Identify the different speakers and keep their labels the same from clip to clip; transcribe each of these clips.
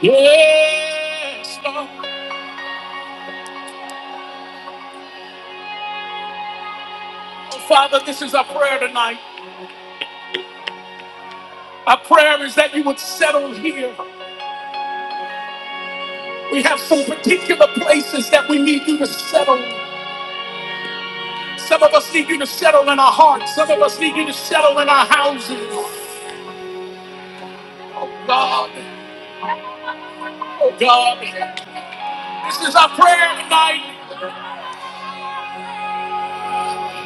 Speaker 1: Yes, Lord. Oh, Father, this is our prayer tonight. Our prayer is that you would settle here. We have some particular places that we need you to settle. Some of us need you to settle in our hearts. Some of us need you to settle in our houses. Oh God, oh God, this is our prayer tonight.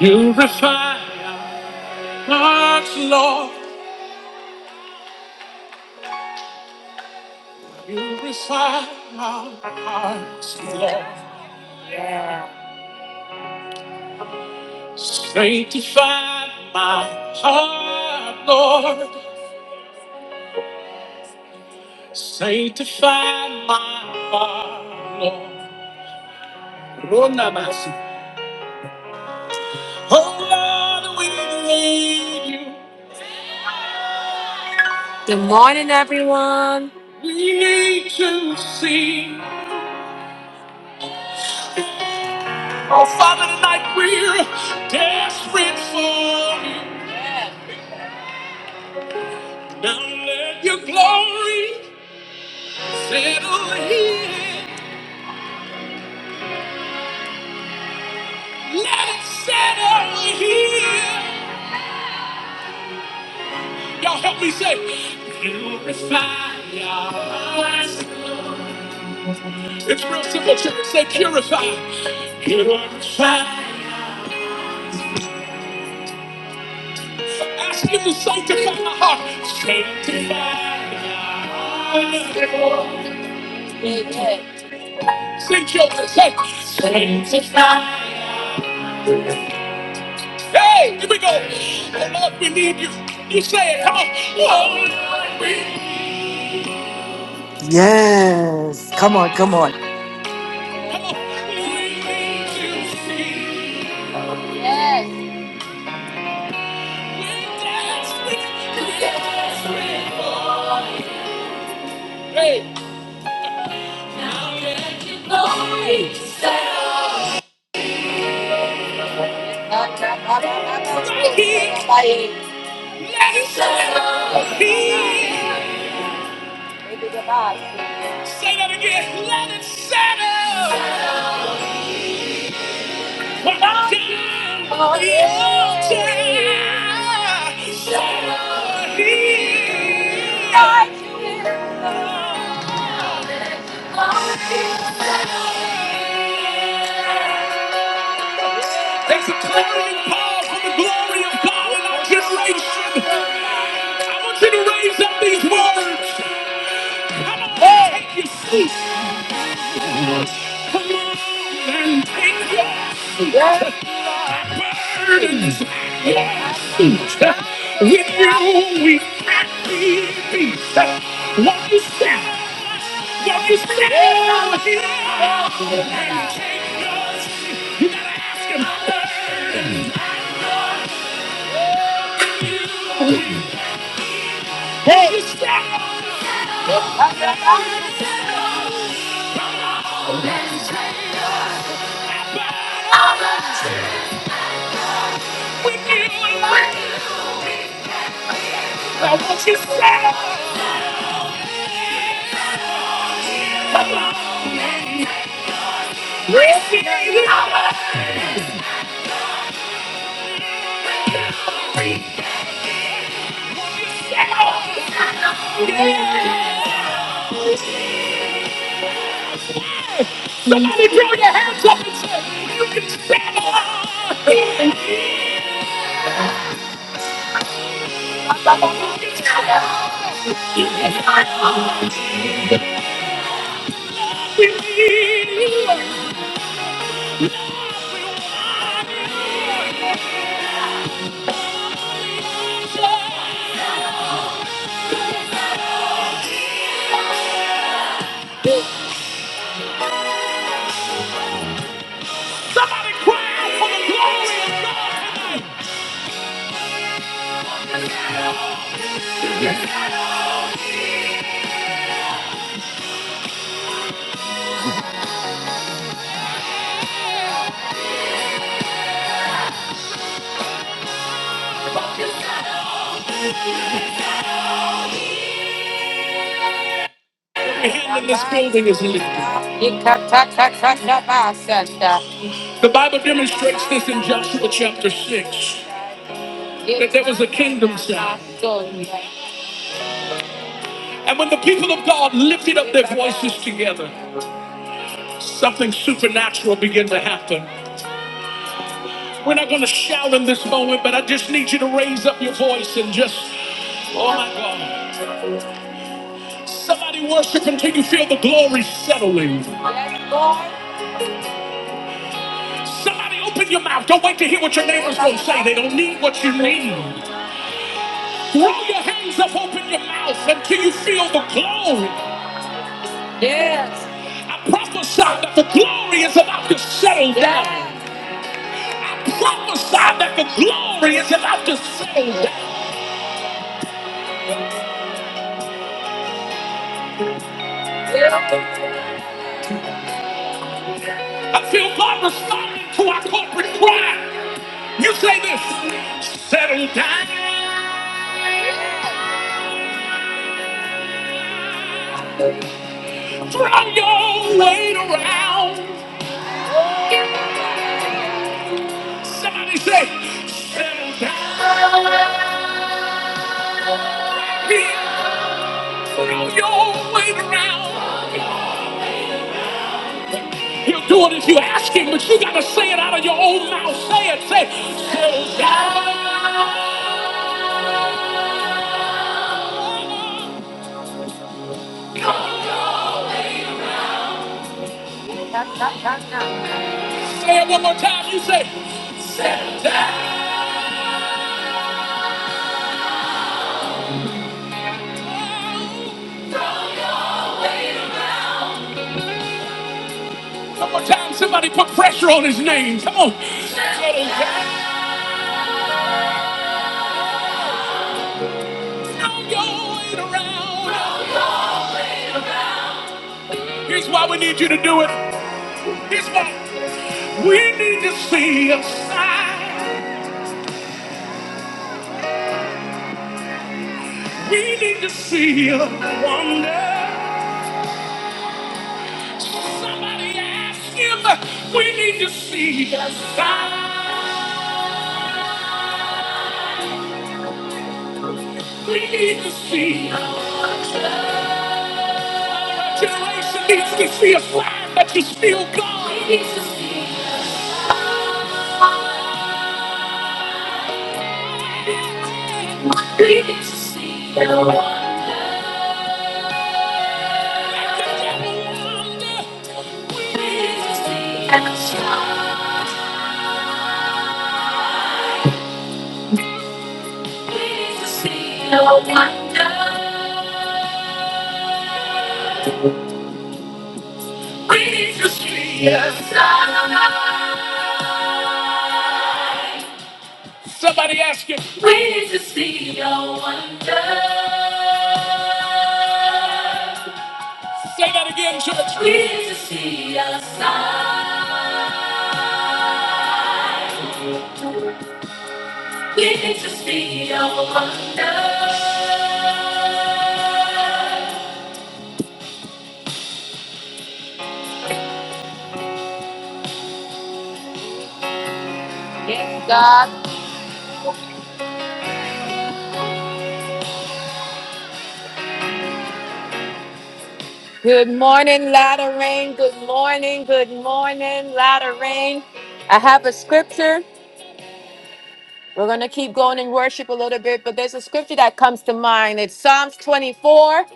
Speaker 1: You refine our hearts, Lord. You refine our hearts, Lord. Sanctify my heart, Lord. Sanctify my heart, Lord. Rona Oh, Lord, we need you. Good morning, everyone. We need to see. Oh, Father, tonight we're desperate for you. Now let your glory settle here. Let it settle here. Y'all help me say, purify your hearts. It's real simple, church. Say, purify. Purify. Ask Him to sanctify my heart. Sanctify. your eyes. Sing, children. Say, sanctify. Hey, here we go. Oh, Lord, we need you. You say it. Come on. Oh, Lord, we need you.
Speaker 2: Yes. Come on, come on.
Speaker 1: Come on. We need you. Say that again. Let it settle. One more time. Oh, yeah. Settle. Settle here. There's a clamoring call for the glory of God in our generation. I want you to raise up these words. Come on, and take your seat. Come on and take your seat. The burden is at your feet. With you, we can't be beat. Walk your step. Walk your step. Come on and take your seat. You gotta ask him. Hey, what you said? We see it. Somebody throw your hands up and say, You can stand up. Somebody cry out for the glory of God. The hand in this building is lifted. Yes, The Bible demonstrates this in Joshua chapter 6 that there was a kingdom sound. And when the people of God lifted up their voices together, something supernatural began to happen. We're not going to shout in this moment, but I just need you to raise up your voice and just, oh my God. Somebody worship until you feel the glory settling. Yes, Lord. Somebody open your mouth. Don't wait to hear what your neighbor's gonna say. They don't need what you need. Throw your hands up, open your mouth until you feel the glory. Yes. I prophesy that the glory is about to settle down. Yes. I prophesy that the glory is about to settle down. Yes. I feel God responding to our corporate cry. You say this, settle down. Throw your weight around. Somebody say, settle down. He'll throw your weight around. He'll do it if you ask him, but you gotta say it out of your own mouth. Say it, say, settle down. Say it one more time. You say, settle down. One more time. Somebody put pressure on his name. Come on. Settle down. Throw your weight around. Here's why we need you to do it. Here's why we need to see a sign. We need to see a wonder. Somebody ask him. We need to see a sign. We need to see. Our generation needs to see a sign that you still God. We need to see. We need to see. Somebody ask him. We need to see your wonder. Say that again, church. We need to see a sign. We can just be your wonder. Yes, God. Good morning, Latter Rain. Good morning. Good morning, Latter Rain. I have a scripture. We're going to keep going in worship a little bit, but there's a scripture that comes to mind. It's Psalms 24,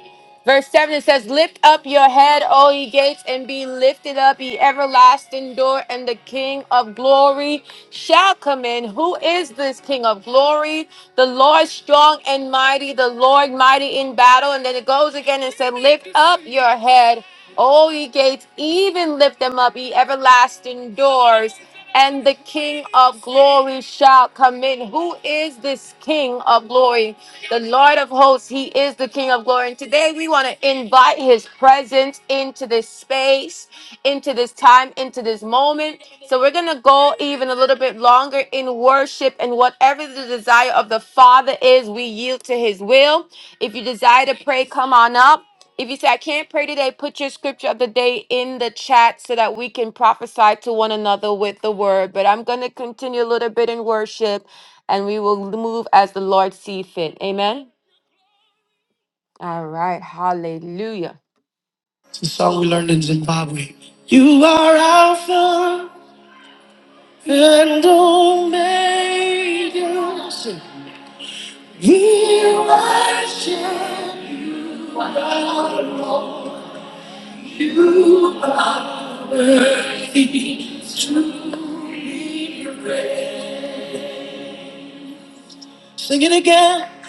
Speaker 1: verse 7. It says, Lift up your head, O ye gates, and be lifted up, ye everlasting door, and the King of glory shall come in. Who is this King of glory? The Lord strong and mighty, the Lord mighty in battle. And then it goes again and said, Lift up your head, O ye gates, even lift them up, ye everlasting doors and the King of glory shall come in. Who is this King of glory? The Lord of hosts, he is the King of glory. And today we want to invite his presence into this space, into this time, into this moment. So we're going to go even a little bit longer in worship and whatever the desire of the Father is, we yield to his will. If you desire to pray, come on up. If you say, I can't pray today, put your scripture of the day in the chat so that we can prophesy to one another with the word. But I'm going to continue a little bit in worship and we will move as the Lord see fit. Amen. All right. Hallelujah. It's a song we learned in Zimbabwe. You are Alpha and Omega. Sing. We worship. Sing it again.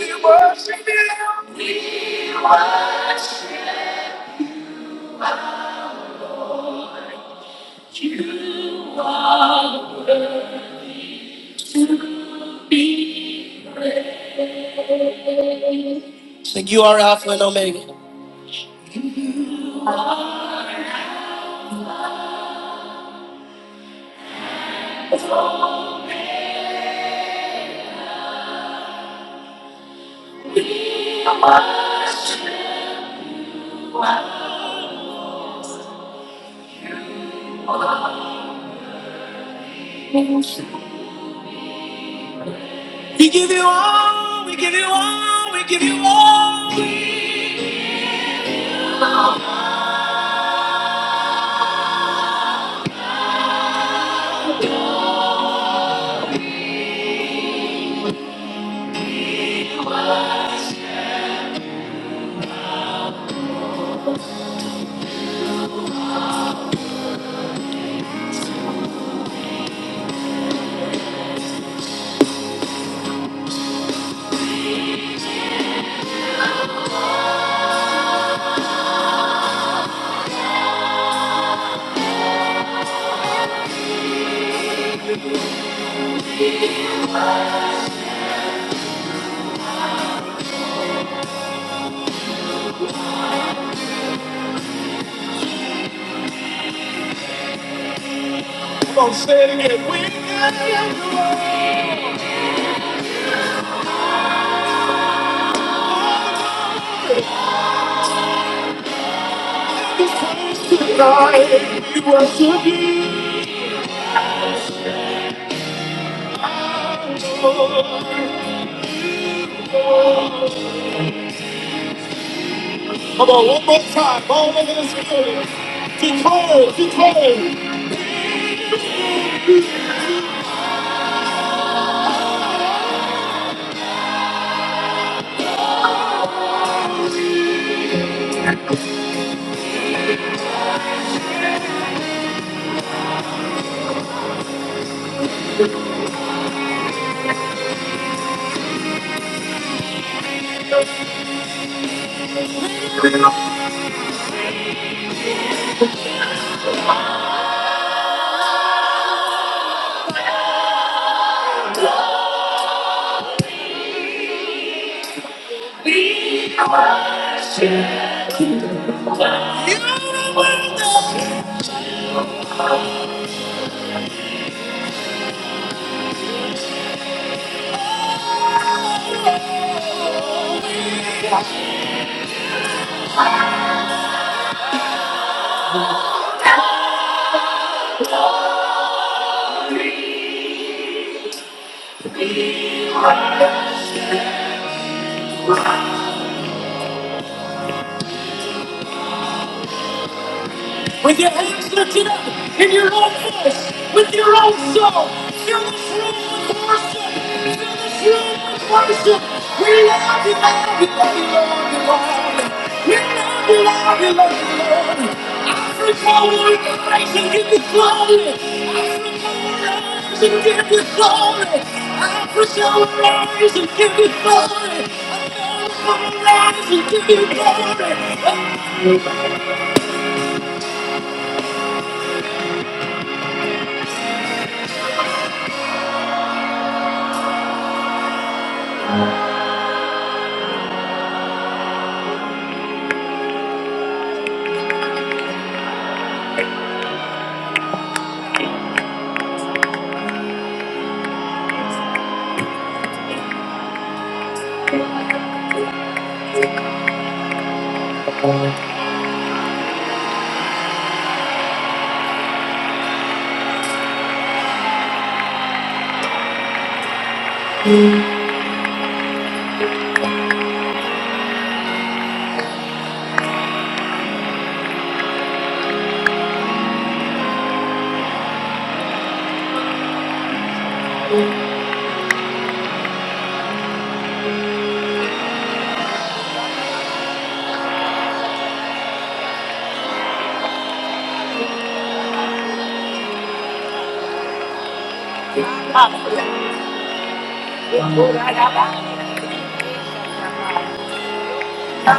Speaker 1: We worship You. We give you all, we give you all, we give you all. Don't say it, we give you all. This place tonight, we worship you, Lord. Come on, one more time, all over this building. Declare, declare. You are worthy. With your hands lifted up in your own voice, with your own soul, fill this room with worship. Fill this room with worship. We love you, love you, love you, love you, Lord. We love you, love you, love you, Lord. Africa will rise and give you glory. Africa will rise and give you glory. Africa will rise and give you glory. America will rise and give you glory. We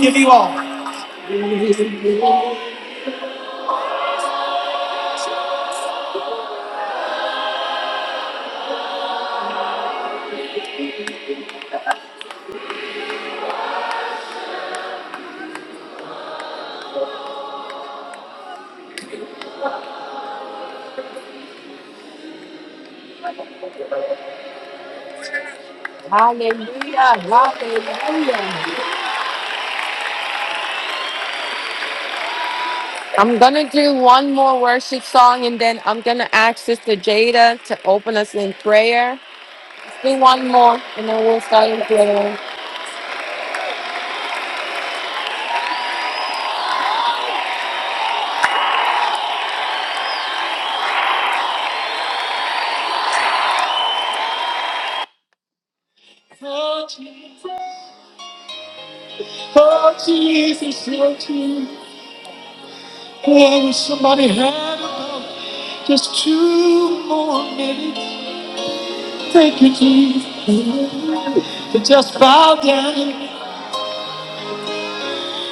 Speaker 1: give you all. Hallelujah. Hallelujah. I'm going to do one more worship song and then I'm going to ask Sister Jada to open us in prayer. Let's do one more and then we'll start in prayer. Oh Jesus, oh Jesus, oh Jesus. Oh, I wish somebody had about just two more minutes. Thank you, Jesus. To just bow down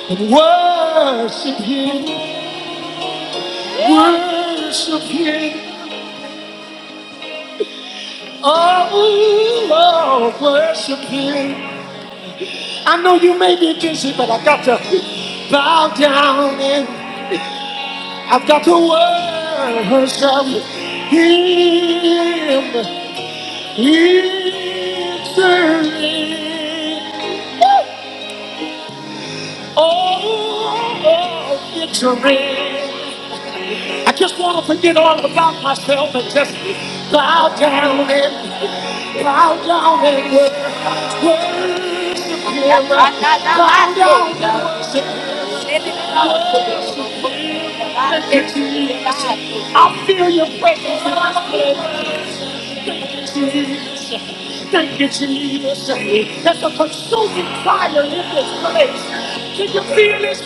Speaker 1: and worship Him. Worship Him. Oh, oh, worship Him. I know you may be busy, but I got to bow down and I've got to worship Him. He's worthy. Oh, oh, oh, victory. I just want to forget all about myself and just bow down and bow down and worship Him. Bow down and worship Him. Worship Him. I feel Your presence in this place. Thank you, Jesus. Thank you, Jesus. There's a consuming fire in this place. Can you feel His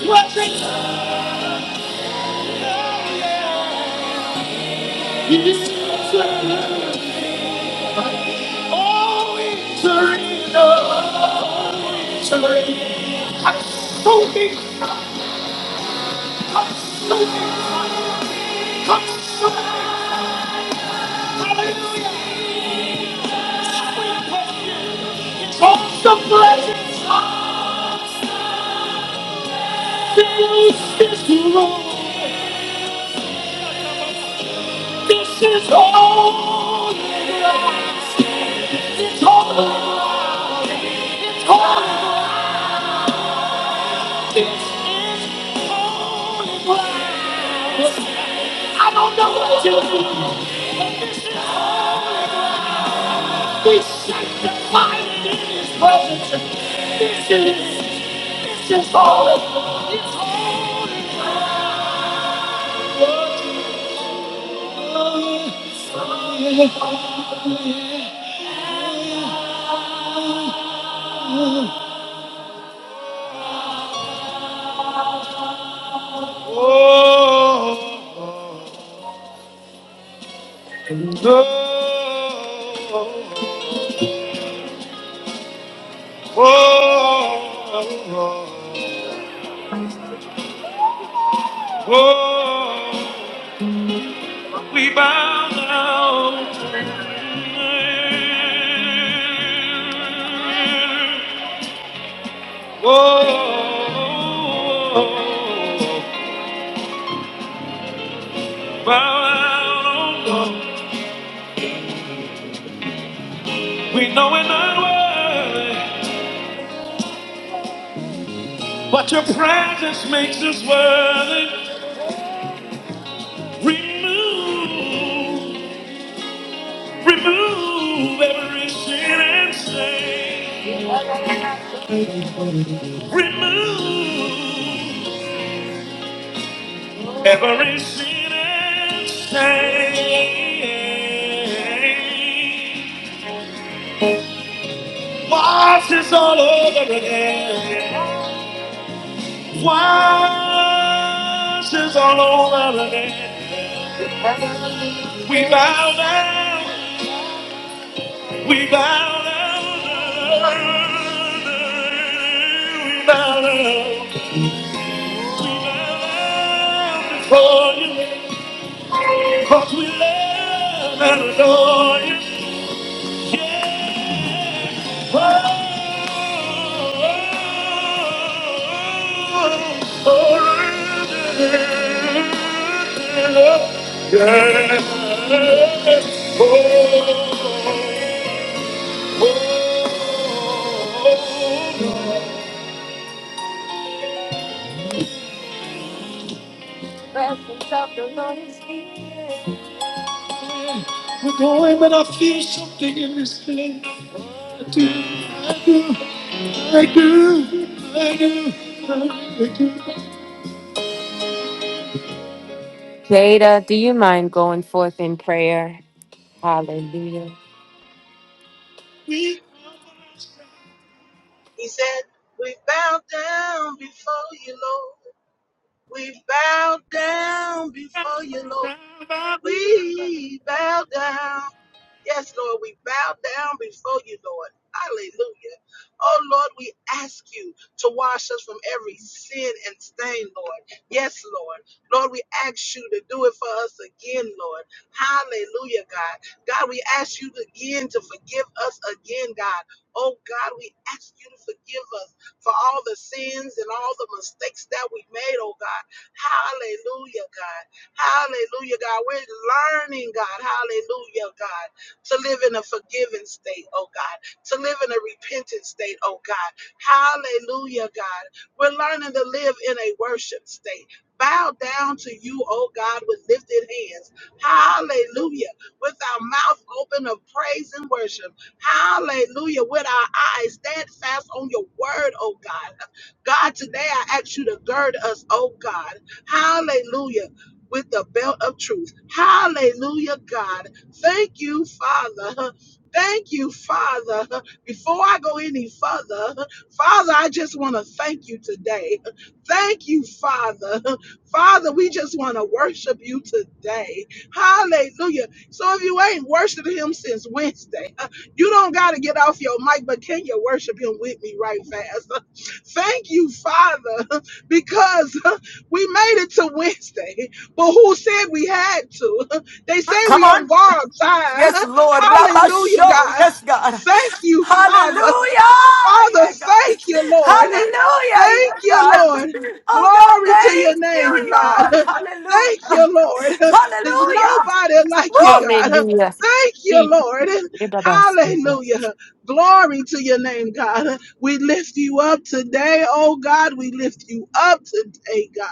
Speaker 1: presence? Oh, it's arena. It's arena. Consuming, consuming, consuming. Hallelujah. Toss the blessings of This is wrong. This is all. It's all. It's all. I don't know what to do. We sanctify it in His presence. This is, this is all of the world. Oh, yeah. oh, yeah. oh, oh, oh. oh. We bow down. oh We know we're not worthy, but your presence makes us worthy. Remove, remove every sin and stain. Remove. Every sin and shame washes all over again. Washes all over again. We bow down. We bow down. We bow down. We bow down before you. 'Cause we love and adore you. Yeah, oh, oh, oh, oh, yeah. oh, oh, Presence of the Lord is here. We're going, but I feel something in this place. I do, I do, I do, I do, I do. Jada, do you mind going forth in prayer? Hallelujah.
Speaker 3: He said, We bow down before you, Lord. We bow down before you, Lord. We bow down. Yes, Lord, we bow down before you, Lord. Hallelujah. Oh, Lord, we ask you to wash us from every sin and stain, Lord. Yes, Lord. Lord, we ask you to do it for us again, Lord. Hallelujah, God. God, we ask you again to forgive us again, God. Oh, God, we ask you to forgive us for all the sins and all the mistakes that we made, oh, God. Hallelujah, God. Hallelujah, God. We're learning, God. Hallelujah, God. To live in a forgiving state, oh God. To live in a repentant state, oh God. Hallelujah, God. We're learning to live in a worship state. Bow down to you, oh God, with lifted hands. Hallelujah. With our mouth open of praise and worship. Hallelujah. With our eyes steadfast on your word, oh God. God, today I ask you to gird us, oh God. Hallelujah with the belt of truth. Hallelujah, God. Thank you, Father. Thank you, Father. Before I go any further, Father, I just want to thank you today. Thank you, Father. Father, we just want to worship you today. Hallelujah. So if you ain't worshiping him since Wednesday, you don't got to get off your mic, but can you worship him with me right fast? Thank you, Father, because we made it to Wednesday. But who said we had to? They say
Speaker 2: Come
Speaker 3: we on
Speaker 2: on.
Speaker 3: borrowed time.
Speaker 2: Yes, Lord. Rabba
Speaker 3: Hallelujah,
Speaker 2: show.
Speaker 3: God.
Speaker 2: Yes, God.
Speaker 3: Thank you, Father.
Speaker 2: Hallelujah.
Speaker 3: Father,
Speaker 2: Yeah, God.
Speaker 3: thank you, Lord.
Speaker 2: Hallelujah.
Speaker 3: Thank
Speaker 2: Yes,
Speaker 3: you,
Speaker 2: God.
Speaker 3: Lord.
Speaker 2: Oh, God.
Speaker 3: Glory to your
Speaker 2: Thank
Speaker 3: name,
Speaker 2: you,
Speaker 3: God. Thank
Speaker 2: Lord. Hallelujah.
Speaker 3: you, Lord. There's
Speaker 2: Hallelujah.
Speaker 3: nobody like you,
Speaker 2: Woo.
Speaker 3: God.
Speaker 1: Hallelujah.
Speaker 3: Thank you, Lord. Hallelujah. Glory to your name, God. We lift you up today, oh God. We lift you up today, God.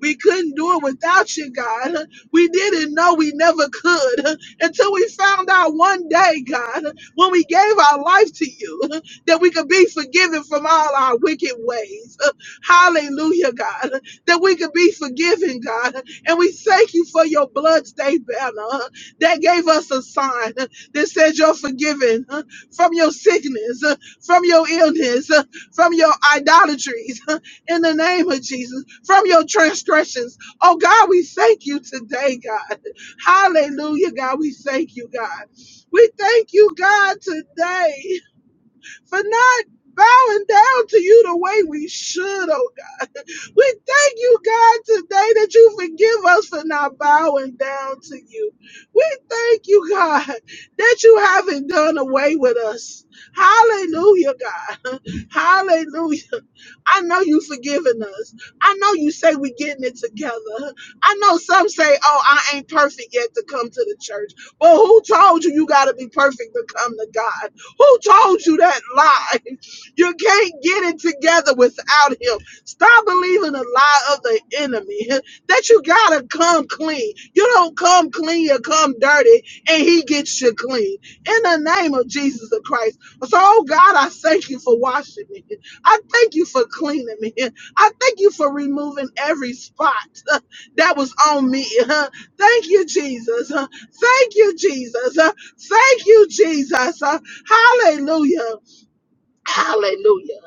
Speaker 3: We couldn't do it without you, God. We didn't know we never could until we found out one day, God, when we gave our life to you, that we could be forgiven from all our wicked ways. Hallelujah, God. That we could be forgiven, God. And we thank you for your bloodstained banner that gave us a sign that says you're forgiven from your sickness, from your illness, from your idolatries in the name of Jesus from your transgressions. Oh God, we thank you today, God. Hallelujah, God. We thank you, God. We thank you, God, today for not bowing down to you the way we should. Oh God. We thank you, God, today that you forgive us for not bowing down to you. We thank you, God, that you haven't done away with us. Hallelujah, God. Hallelujah. I know you forgiving us. I know you say we getting it together. I know some say, oh, I ain't perfect yet to come to the church. Well, who told you you got to be perfect to come to God? Who told you that lie? You can't get it together without Him. Stop believing the lie of the enemy that you got to come clean. You don't come clean, you come dirty, and He gets you clean. In the name of Jesus the Christ. So, oh God, I thank you for washing me. I thank you for cleaning me. I thank you for removing every spot uh, that was on me. Uh, Thank you, Jesus. Uh, Thank you, Jesus. Uh, Thank you, Jesus. Uh, Hallelujah. Hallelujah.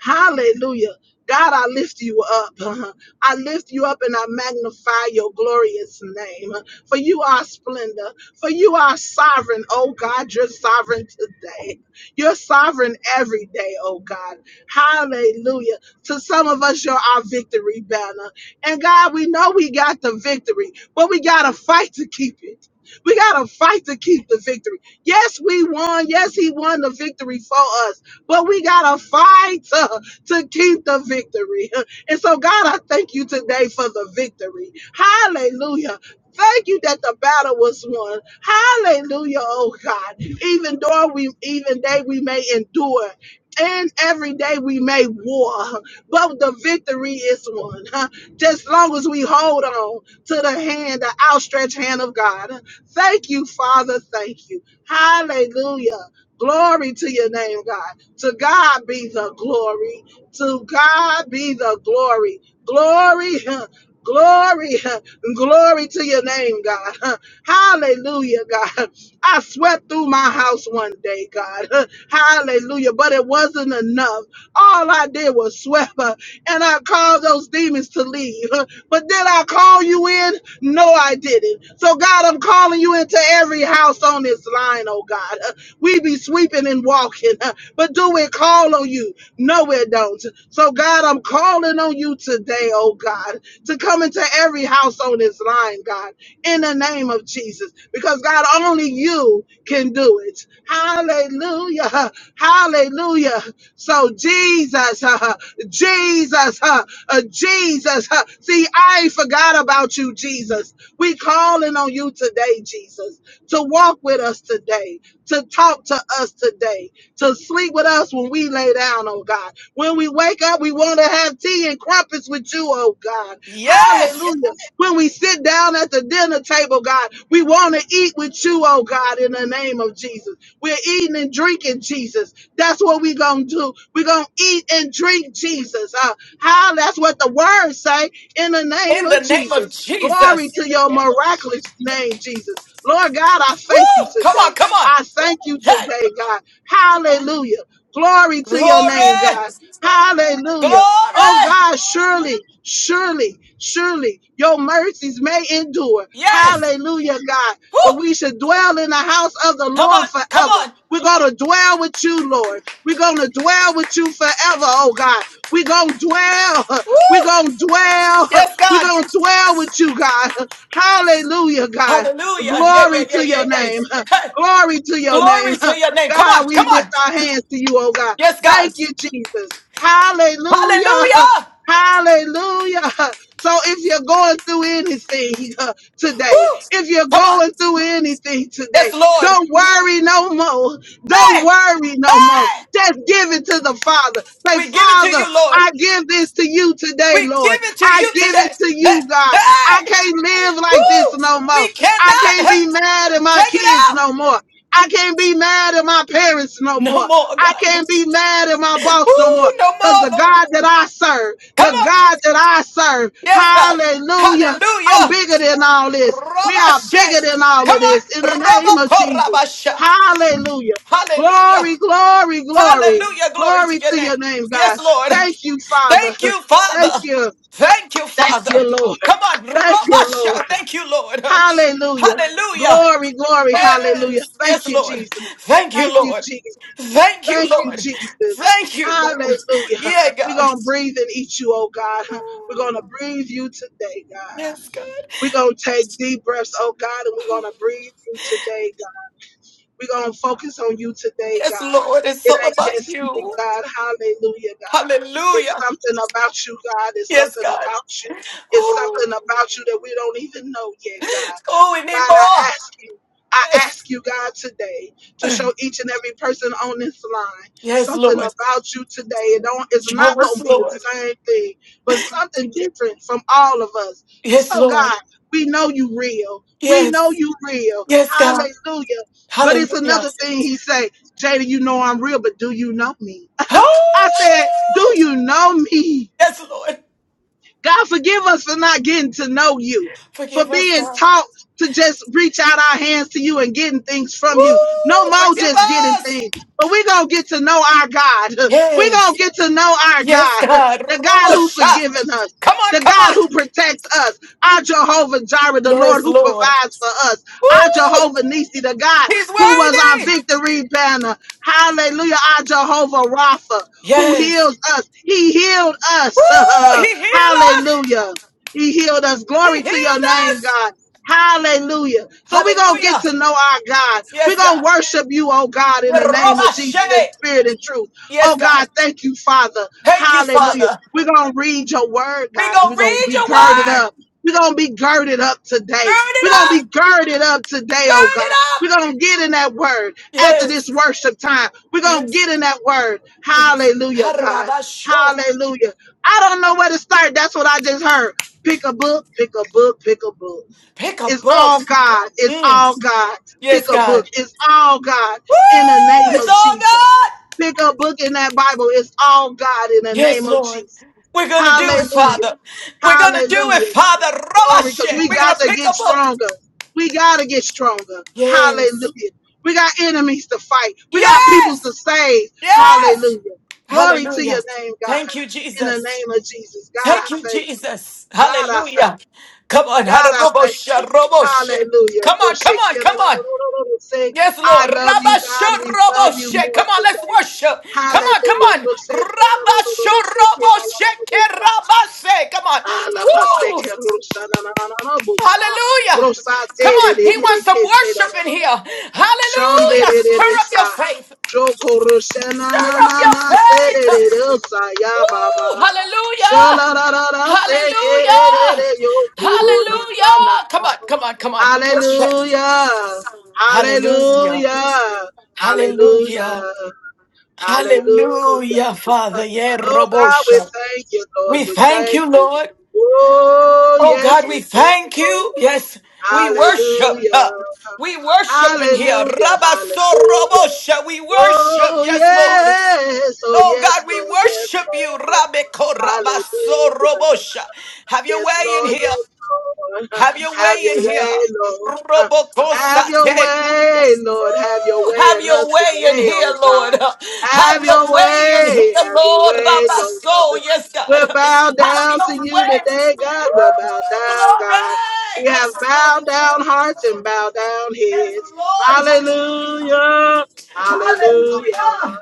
Speaker 3: Hallelujah. God, I lift you up. I lift you up and I magnify your glorious name. For you are splendor. For you are sovereign, oh God. You're sovereign today. You're sovereign every day, oh God. Hallelujah. To some of us, you're our victory banner. And God, we know we got the victory, but we got to fight to keep it. We got to fight to keep the victory. Yes, we won. Yes, he won the victory for us but we got to fight to, to keep the victory. And so, God, I thank you today for the victory. Hallelujah. Thank you that the battle was won. Hallelujah, oh God. Even though we, even day we may endure, and every day we may war, but the victory is won. Huh? Just long as we hold on to the hand, the outstretched hand of God. Thank you, Father. Thank you. Hallelujah. Glory to your name, God. To God be the glory. To God be the glory. Glory. Glory, glory to your name, God. Hallelujah, God. I swept through my house one day, God. Hallelujah, but it wasn't enough. All I did was swept uh, and I called those demons to leave. But did I call you in? No, I didn't. So, God, I'm calling you into every house on this line, oh God. huh. We be sweeping and walking, huh? but do it call on you? No, it don't. So, God, I'm calling on you today, oh God, to come into every house on this line, God, in the name of Jesus, because God, only you can do it. Hallelujah. huh? Hallelujah. So, Jesus, uh, Jesus, uh, uh, Jesus. uh, See, I forgot about you, Jesus. We calling on you today, Jesus, to walk with us today to talk to us today, to sleep with us when we lay down, oh God. When we wake up, we want to have tea and crumpets with you, oh God.
Speaker 2: Yes.
Speaker 3: Hallelujah. When we sit down at the dinner table, God, we want to eat with you, oh God, in the name of Jesus. We're eating and drinking, Jesus. That's what we're going to do. We're going to eat and drink, Jesus. Uh, how? That's what the words say in the name
Speaker 2: In the
Speaker 3: of
Speaker 2: name of
Speaker 3: Jesus. Glory
Speaker 2: Jesus.
Speaker 3: to your miraculous name, Jesus. Lord God, I thank you
Speaker 2: Woo. Come
Speaker 3: today.
Speaker 2: on, come on.
Speaker 3: I thank you
Speaker 2: Hey.
Speaker 3: today, God. Hallelujah. Glory to your name,
Speaker 2: Glory.
Speaker 3: God. Hallelujah. Oh,
Speaker 2: Glory.
Speaker 3: God, surely, surely, surely your mercies may endure.
Speaker 2: Yes.
Speaker 3: Hallelujah, God.
Speaker 2: Woo.
Speaker 3: But we should dwell in the house of the
Speaker 2: Come on,
Speaker 3: Lord
Speaker 2: come
Speaker 3: forever.
Speaker 2: on.
Speaker 3: We're going to dwell with you, Lord. We're going to dwell with you forever, oh God. We're going to dwell. We're
Speaker 2: Woo.
Speaker 3: going to dwell.
Speaker 2: Yes,
Speaker 3: We're
Speaker 2: God.
Speaker 3: going to dwell with you, God. Hallelujah, God.
Speaker 2: Hallelujah. Yeah, yeah,
Speaker 3: Glory
Speaker 2: yeah,
Speaker 3: to
Speaker 2: yeah,
Speaker 3: your
Speaker 2: yeah.
Speaker 3: name.
Speaker 2: Hey,
Speaker 3: Glory to your
Speaker 2: glory
Speaker 3: name.
Speaker 2: to your name. Come on,
Speaker 3: God, we
Speaker 2: come
Speaker 3: lift
Speaker 2: on.
Speaker 3: our hands to you, oh God.
Speaker 2: Yes, God.
Speaker 3: Thank you, Jesus. Hallelujah.
Speaker 2: Hallelujah.
Speaker 3: Hallelujah. So if you're going through anything today,
Speaker 2: Woo.
Speaker 3: if you're
Speaker 2: Come on.
Speaker 3: going through anything
Speaker 2: Yes,
Speaker 3: today,
Speaker 2: Lord.
Speaker 3: don't worry no more.
Speaker 2: Hey,
Speaker 3: Don't worry no more.
Speaker 2: hey.
Speaker 3: Just give it to the Father. Say,
Speaker 2: We give it to
Speaker 3: Father,
Speaker 2: you, Lord.
Speaker 3: I give this to you today,
Speaker 2: We give
Speaker 3: Lord.
Speaker 2: it to
Speaker 3: I
Speaker 2: you
Speaker 3: give
Speaker 2: today.
Speaker 3: it to
Speaker 2: Hey,
Speaker 3: you, God. I
Speaker 2: hey.
Speaker 3: can't live like this
Speaker 2: Woo.
Speaker 3: no more.
Speaker 2: We
Speaker 3: I
Speaker 2: cannot
Speaker 3: can't
Speaker 2: huh,
Speaker 3: be mad at my
Speaker 2: take it
Speaker 3: kids
Speaker 2: out.
Speaker 3: no more. I can't be mad at my parents no
Speaker 2: No
Speaker 3: more.
Speaker 2: more,
Speaker 3: I
Speaker 2: God.
Speaker 3: can't be
Speaker 2: Woo,
Speaker 3: mad at my boss no more.
Speaker 2: no
Speaker 3: Because
Speaker 2: more,
Speaker 3: the
Speaker 2: Lord.
Speaker 3: God that I serve,
Speaker 2: Come
Speaker 3: the
Speaker 2: on.
Speaker 3: God that I serve,
Speaker 2: Yes, God.
Speaker 3: hallelujah, I'm
Speaker 2: Hallelujah.
Speaker 3: bigger than all this. We are bigger
Speaker 2: Robashe.
Speaker 3: than all
Speaker 2: Come
Speaker 3: of
Speaker 2: on.
Speaker 3: this in the name of
Speaker 2: Roboko
Speaker 3: Jesus.
Speaker 2: Rabasha.
Speaker 3: Hallelujah.
Speaker 2: Hallelujah.
Speaker 3: Glory, glory, glory.
Speaker 2: Hallelujah. Glory to
Speaker 3: Glory
Speaker 2: your
Speaker 3: to
Speaker 2: name.
Speaker 3: your name,
Speaker 2: Yes,
Speaker 3: God.
Speaker 2: Lord.
Speaker 3: Thank you, Father.
Speaker 2: Thank you,
Speaker 3: Thank
Speaker 2: Father.
Speaker 3: you.
Speaker 2: Thank you,
Speaker 3: Thank
Speaker 2: Father.
Speaker 3: you, Lord.
Speaker 2: Come on.
Speaker 3: Thank you, Lord.
Speaker 2: Robasha. Thank you, Lord.
Speaker 3: Hallelujah.
Speaker 2: Hallelujah.
Speaker 3: Glory, glory, hallelujah.
Speaker 2: Yes.
Speaker 3: Thank
Speaker 2: Yes,
Speaker 3: you,
Speaker 2: Lord.
Speaker 3: Jesus.
Speaker 2: Thank you,
Speaker 3: Thank you,
Speaker 2: Lord.
Speaker 3: Jesus.
Speaker 2: Thank you,
Speaker 3: Thank you,
Speaker 2: Lord.
Speaker 3: Jesus.
Speaker 2: Thank you, Lord.
Speaker 3: Hallelujah.
Speaker 2: Yeah,
Speaker 3: We're
Speaker 2: God.
Speaker 3: going to breathe and eat you, oh God. We're going to breathe you today, God.
Speaker 2: Yes, God.
Speaker 3: We're going to take deep breaths, oh God, and we're going to breathe you today, we're going to focus on you today,
Speaker 2: Yes,
Speaker 3: God.
Speaker 2: Lord. It's
Speaker 3: It
Speaker 2: all
Speaker 3: ain't
Speaker 2: about
Speaker 3: just me,
Speaker 2: you.
Speaker 3: God. Hallelujah, God. It's
Speaker 2: Hallelujah.
Speaker 3: something about you, God. It's
Speaker 2: Yes,
Speaker 3: something
Speaker 2: God.
Speaker 3: about you. It's
Speaker 2: Oh,
Speaker 3: something about you that we don't even know yet,
Speaker 2: oh, we
Speaker 3: God.
Speaker 2: need
Speaker 3: God, I
Speaker 2: more.
Speaker 3: ask you. I
Speaker 2: Yes.
Speaker 3: ask you, God, today to show each and every person on this line
Speaker 2: Yes,
Speaker 3: something
Speaker 2: Lord.
Speaker 3: about you today. It don't, it's
Speaker 2: Show
Speaker 3: not going
Speaker 2: us,
Speaker 3: to be the
Speaker 2: Lord.
Speaker 3: same thing, but something different from all of us.
Speaker 2: Yes,
Speaker 3: So,
Speaker 2: Lord.
Speaker 3: God, we know you real. We know
Speaker 2: Yes.
Speaker 3: you real.
Speaker 2: Yes, God.
Speaker 3: Hallelujah. But it's
Speaker 2: Hallelujah.
Speaker 3: another thing he say, Jada, you know I'm real, but do you know me? I said, do
Speaker 2: Oh,
Speaker 3: you know me?
Speaker 2: yes, Lord.
Speaker 3: God, forgive us for not getting to know you, for
Speaker 2: Forgive us,
Speaker 3: being
Speaker 2: God.
Speaker 3: taught to just reach out our hands to you and getting things from you. No
Speaker 2: Woo,
Speaker 3: more
Speaker 2: forgive
Speaker 3: just getting
Speaker 2: us.
Speaker 3: things, but we're going to get to know our God. We're going to
Speaker 2: Yes.
Speaker 3: get to know our
Speaker 2: Yes,
Speaker 3: God,
Speaker 2: God.
Speaker 3: the God who
Speaker 2: Robosha.
Speaker 3: forgiven us.
Speaker 2: Come on,
Speaker 3: The
Speaker 2: come
Speaker 3: God
Speaker 2: on.
Speaker 3: who protects us, our Jehovah Jireh, the Lord
Speaker 2: Yes,
Speaker 3: who
Speaker 2: Lord.
Speaker 3: provides for us, our
Speaker 2: Woo,
Speaker 3: Jehovah Nisi, the God
Speaker 2: he's
Speaker 3: who was our
Speaker 2: worthy.
Speaker 3: victory banner. Hallelujah, our Jehovah Rapha, who
Speaker 2: Yes.
Speaker 3: heals us. He healed
Speaker 2: Woo,
Speaker 3: us.
Speaker 2: he healed us.
Speaker 3: Hallelujah. He healed us.
Speaker 2: He
Speaker 3: Glory to your
Speaker 2: healed
Speaker 3: name,
Speaker 2: us.
Speaker 3: God. Hallelujah. So we're going to get
Speaker 2: Hallelujah.
Speaker 3: to know our God. We're
Speaker 2: Yes,
Speaker 3: going to
Speaker 2: God.
Speaker 3: worship you, oh God, in the name of Jesus in
Speaker 2: Yerobashe.
Speaker 3: spirit and truth.
Speaker 2: Yes,
Speaker 3: Oh
Speaker 2: God.
Speaker 3: God, thank you, Father.
Speaker 2: Thank you,
Speaker 3: Hallelujah.
Speaker 2: Father.
Speaker 3: We're going to read your word,
Speaker 2: We
Speaker 3: God, because
Speaker 2: gonna
Speaker 3: we're going to
Speaker 2: read
Speaker 3: be
Speaker 2: your
Speaker 3: girded
Speaker 2: word.
Speaker 3: up. We're going to be girded up
Speaker 2: Gird
Speaker 3: today.
Speaker 2: it
Speaker 3: We're going to
Speaker 2: up.
Speaker 3: be girded up today, oh
Speaker 2: Gird it
Speaker 3: God.
Speaker 2: up.
Speaker 3: We're going to get in that word after this
Speaker 2: Yes.
Speaker 3: worship time. We're going to
Speaker 2: Yes.
Speaker 3: get in that word.
Speaker 2: Yes.
Speaker 3: Hallelujah, God.
Speaker 2: Harabasho.
Speaker 3: Hallelujah. I don't know where to start. That's what I just heard. Pick a book, pick a book, pick a book.
Speaker 2: Pick a
Speaker 3: It's
Speaker 2: book.
Speaker 3: all God. It's all
Speaker 2: Mm.
Speaker 3: God.
Speaker 2: Yes,
Speaker 3: Pick a book.
Speaker 2: God.
Speaker 3: It's all God
Speaker 2: Woo!
Speaker 3: in the name
Speaker 2: It's
Speaker 3: of
Speaker 2: all
Speaker 3: Jesus.
Speaker 2: God.
Speaker 3: Pick a book in that Bible. It's all God in the
Speaker 2: Yes,
Speaker 3: name of
Speaker 2: Lord.
Speaker 3: Jesus.
Speaker 2: We're gonna do it,
Speaker 3: Hallelujah.
Speaker 2: Father. We're gonna do it,
Speaker 3: Hallelujah.
Speaker 2: Father.
Speaker 3: Glory, because
Speaker 2: Robashe.
Speaker 3: we
Speaker 2: We're gonna
Speaker 3: got to
Speaker 2: pick
Speaker 3: get
Speaker 2: a book.
Speaker 3: stronger. We got to get stronger.
Speaker 2: Yes.
Speaker 3: Hallelujah. We got enemies to fight. We got peoples
Speaker 2: Yes.
Speaker 3: to save.
Speaker 2: Yes.
Speaker 3: Hallelujah. Glory to
Speaker 2: Hallelujah.
Speaker 3: your name, God.
Speaker 2: Thank you,
Speaker 3: In the
Speaker 2: Jesus.
Speaker 3: name of Jesus. God,
Speaker 2: Thank
Speaker 3: I
Speaker 2: you,
Speaker 3: thank you.
Speaker 2: Jesus.
Speaker 3: God, I thank
Speaker 2: Hallelujah. Come on.
Speaker 3: you. God, I thank
Speaker 2: Harabosha,
Speaker 3: you.
Speaker 2: roboshe.
Speaker 3: Hallelujah.
Speaker 2: Come on, come on, come on. Yes,
Speaker 3: I
Speaker 2: Lord.
Speaker 3: love you,
Speaker 2: Rabasho,
Speaker 3: God. We love you
Speaker 2: roboshe.
Speaker 3: more
Speaker 2: Come on, let's
Speaker 3: today.
Speaker 2: worship. Come on, come
Speaker 3: Hallelujah.
Speaker 2: on. Rabasho, roboshe, ke rabase. Come on.
Speaker 3: Ala
Speaker 2: Woo.
Speaker 3: paseke rusha na na na na na busa.
Speaker 2: Hallelujah.
Speaker 3: Rosa
Speaker 2: Come
Speaker 3: te de
Speaker 2: on.
Speaker 3: de
Speaker 2: He
Speaker 3: de de
Speaker 2: wants some
Speaker 3: ke se da da
Speaker 2: worship in
Speaker 3: da
Speaker 2: here.
Speaker 3: da. Shande
Speaker 2: Hallelujah.
Speaker 3: de de
Speaker 2: Stir
Speaker 3: de
Speaker 2: up your
Speaker 3: sa.
Speaker 2: faith.
Speaker 3: Joko rusha na na
Speaker 2: Stir up
Speaker 3: na na
Speaker 2: your
Speaker 3: se de de
Speaker 2: faith.
Speaker 3: de sa ya
Speaker 2: Woo!
Speaker 3: baba.
Speaker 2: Hallelujah!
Speaker 3: Shala ra ra ra se ke de de
Speaker 2: Hallelujah!
Speaker 3: de yo kuru na na na na.
Speaker 2: Hallelujah! Come on, come on, come on. Worship.
Speaker 3: Hallelujah.
Speaker 2: Hallelujah.
Speaker 3: Hallelujah.
Speaker 2: Hallelujah.
Speaker 3: Hallelujah. Hallelujah.
Speaker 2: Hallelujah, Father. Yeah,
Speaker 3: Oh God, we
Speaker 2: Robosha.
Speaker 3: thank you, Lord.
Speaker 2: We
Speaker 3: We
Speaker 2: thank
Speaker 3: thank
Speaker 2: you,
Speaker 3: you.
Speaker 2: Lord.
Speaker 3: Oh,
Speaker 2: Oh
Speaker 3: yes,
Speaker 2: God, we
Speaker 3: we do,
Speaker 2: thank you.
Speaker 3: Lord.
Speaker 2: Yes, we worship. Uh,
Speaker 3: Hallelujah.
Speaker 2: We worship in here.
Speaker 3: Hallelujah. Hallelujah.
Speaker 2: Rabaso Robosha. We worship.
Speaker 3: Oh,
Speaker 2: Yes, Lord.
Speaker 3: yes. Oh,
Speaker 2: Oh God,
Speaker 3: yes,
Speaker 2: we
Speaker 3: Lord. Yes,
Speaker 2: worship you.
Speaker 3: Lord.
Speaker 2: Rabbe korabaso
Speaker 3: Hallelujah.
Speaker 2: robosha. Have your
Speaker 3: Yes,
Speaker 2: way in
Speaker 3: Lord,
Speaker 2: here.
Speaker 3: yes, Lord.
Speaker 2: Have your
Speaker 3: Have
Speaker 2: way
Speaker 3: your
Speaker 2: in here.
Speaker 3: way, Lord. Have your
Speaker 2: Robokosate.
Speaker 3: way, Lord. Have your way
Speaker 2: Have
Speaker 3: in
Speaker 2: your
Speaker 3: us
Speaker 2: way in
Speaker 3: today, oh
Speaker 2: here, Lord.
Speaker 3: God. Have
Speaker 2: Have
Speaker 3: your
Speaker 2: your way in here,
Speaker 3: way, have your
Speaker 2: Lord.
Speaker 3: way, Lord.
Speaker 2: Rabaso. Yes, God.
Speaker 3: We're bowed
Speaker 2: Have
Speaker 3: down
Speaker 2: your
Speaker 3: to you
Speaker 2: way.
Speaker 3: today, God.
Speaker 2: Woo!
Speaker 3: We're bowed down, God.
Speaker 2: Glory.
Speaker 3: We have
Speaker 2: Glory. Glory.
Speaker 3: bowed down
Speaker 2: glory.
Speaker 3: hearts and bowed down
Speaker 2: Yes,
Speaker 3: heads.
Speaker 2: Lord. Hallelujah.
Speaker 3: Hallelujah. Hallelujah.
Speaker 2: Hallelujah.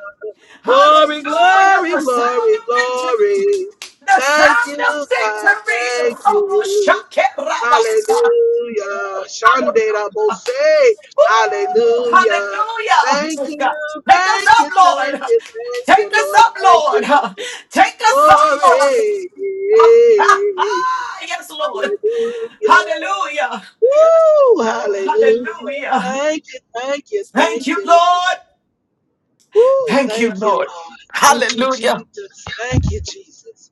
Speaker 3: Glory,
Speaker 2: Hallelujah.
Speaker 3: glory,
Speaker 2: The sound
Speaker 3: glory,
Speaker 2: of victory.
Speaker 3: glory.
Speaker 2: The
Speaker 3: Thank
Speaker 2: sound of
Speaker 3: you, God.
Speaker 2: victory.
Speaker 3: Thank
Speaker 2: Robo
Speaker 3: you.
Speaker 2: shakerabasa.
Speaker 3: Hallelujah. Shandera
Speaker 2: Hallelujah.
Speaker 3: Bose.
Speaker 2: Ooh,
Speaker 3: Hallelujah. Thank you,
Speaker 2: hallelujah. Take us
Speaker 3: thank
Speaker 2: up,
Speaker 3: you, thank
Speaker 2: Lord.
Speaker 3: you, thank you,
Speaker 2: Take us
Speaker 3: Lord.
Speaker 2: up,
Speaker 3: Thank
Speaker 2: Lord.
Speaker 3: you,
Speaker 2: Take us up,
Speaker 3: Lord.
Speaker 2: Lord.
Speaker 3: Glory.
Speaker 2: yes, Lord.
Speaker 3: Hallelujah.
Speaker 2: Hallelujah.
Speaker 3: Woo! Hallelujah.
Speaker 2: Hallelujah.
Speaker 3: Thank you, thank you,
Speaker 2: Thank
Speaker 3: thank
Speaker 2: you,
Speaker 3: you, Lord.
Speaker 2: Lord.
Speaker 3: Woo!
Speaker 2: Thank you,
Speaker 3: Thank you,
Speaker 2: Lord.
Speaker 3: Lord. Thank you,
Speaker 2: Hallelujah.
Speaker 3: Jesus. Thank you, Jesus.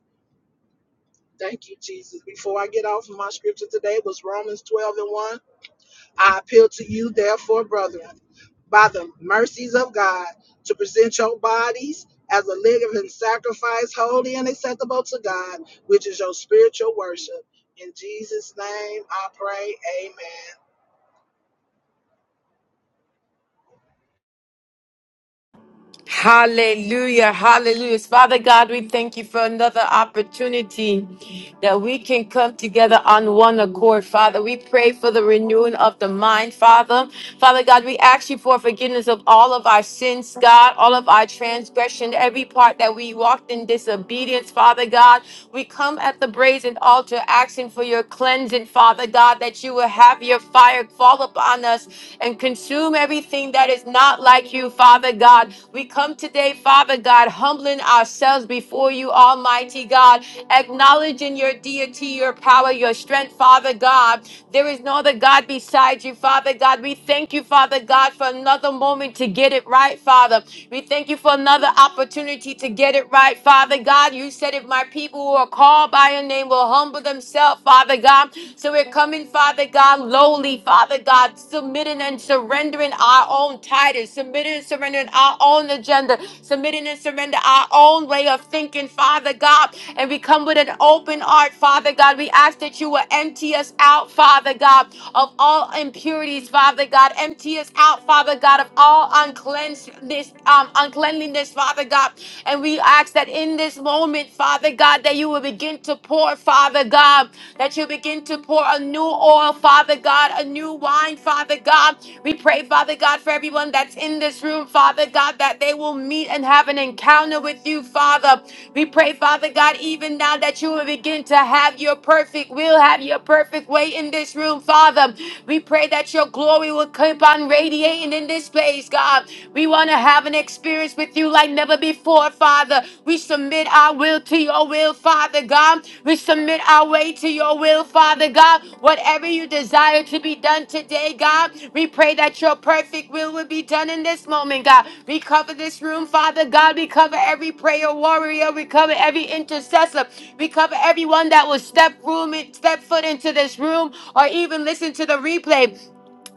Speaker 3: Thank you, Jesus. Before I get off, my scripture today was Romans 12 and 1. I appeal to you, therefore, brethren, by the mercies of God, to present your bodies as a living sacrifice, holy and acceptable to God, which is your spiritual worship. In Jesus' name I pray, amen.
Speaker 1: Hallelujah, hallelujah. Father God, we thank you for another opportunity that we can come together on one accord, Father. We pray for the renewing of the mind, Father. Father God, we ask you for forgiveness of all of our sins, God, all of our transgression, every part that we walked in disobedience, Father God. We come at the brazen altar asking for your cleansing, Father God, that you will have your fire fall upon us, and consume everything that is not like you, Father God. We come today, Father God, humbling ourselves before you, Almighty God, acknowledging your deity, your power, your strength, Father God. There is no other God beside you, Father God. We thank you, Father God, for another moment to get it right, Father. We thank you for another opportunity to get it right, Father God. You said if my people who are called by your name will humble themselves, Father. Father God. So we're coming, Father God, lowly, Father God, submitting and surrendering our own titles, submitting and surrendering our own agenda, submitting and surrender our own way of thinking, Father God. And we come with an open heart, Father God. We ask that you will empty us out, Father God, of all impurities, Father God. Empty us out, Father God, of all uncleanness, um, uncleanliness, Father God. And we ask that in this moment, moment, Father God, that you will begin to pour, Father God, that you begin to pour a new oil, Father God, a new wine, Father God. We pray, Father God, for everyone that's in this room, Father God, that they will meet and have an encounter with you, Father. We pray, Father God, even now that you will begin to have your perfect will, have your perfect way in this room, Father. We pray that your glory will keep on radiating in this place, God. We want to want to have an experience with you like never before, Father. We submit our will to your will, Father God. We submit our way to your will, Father God. Whatever you desire to be done today, God, we pray that your perfect will will be done in this moment, God. We cover this room, Father God. We cover every prayer warrior. We cover every intercessor. We cover everyone that will step room, step foot into this room or even listen to the replay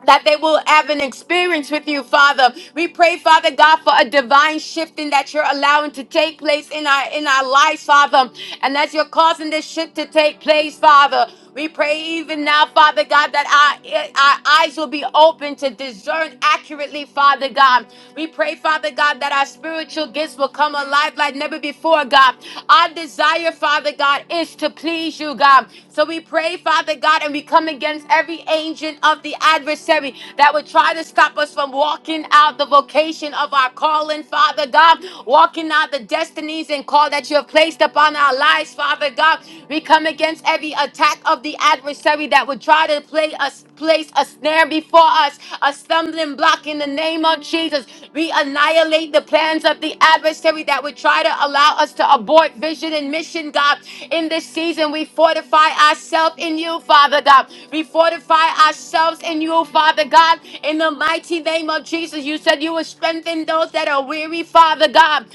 Speaker 1: that they will have an experience with you, Father. We pray, Father God, for a divine shifting that you're allowing to take place in our in our lives, Father. And as you're causing this shift to take place, Father. We pray even now, Father God, that our, our eyes will be open to discern accurately, Father God. We pray, Father God, that our spiritual gifts will come alive like never before before, God. Our desire, Father God, is to please you, God. So we pray, Father God, and we come against every agent of the adversary that would try to stop us from walking out the vocation of our calling, Father God, walking out the destinies and call that you have placed upon our lives, Father God. We come against every attack of the adversary that would try to play us place a snare before us, a stumbling block in the name of Jesus. We annihilate the plans of the adversary that would try to allow us to abort vision and mission, God. In this season, we fortify ourselves in you, Father God. We fortify ourselves in you, Father God. In the mighty name of Jesus, you said you would strengthen those that are weary, Father God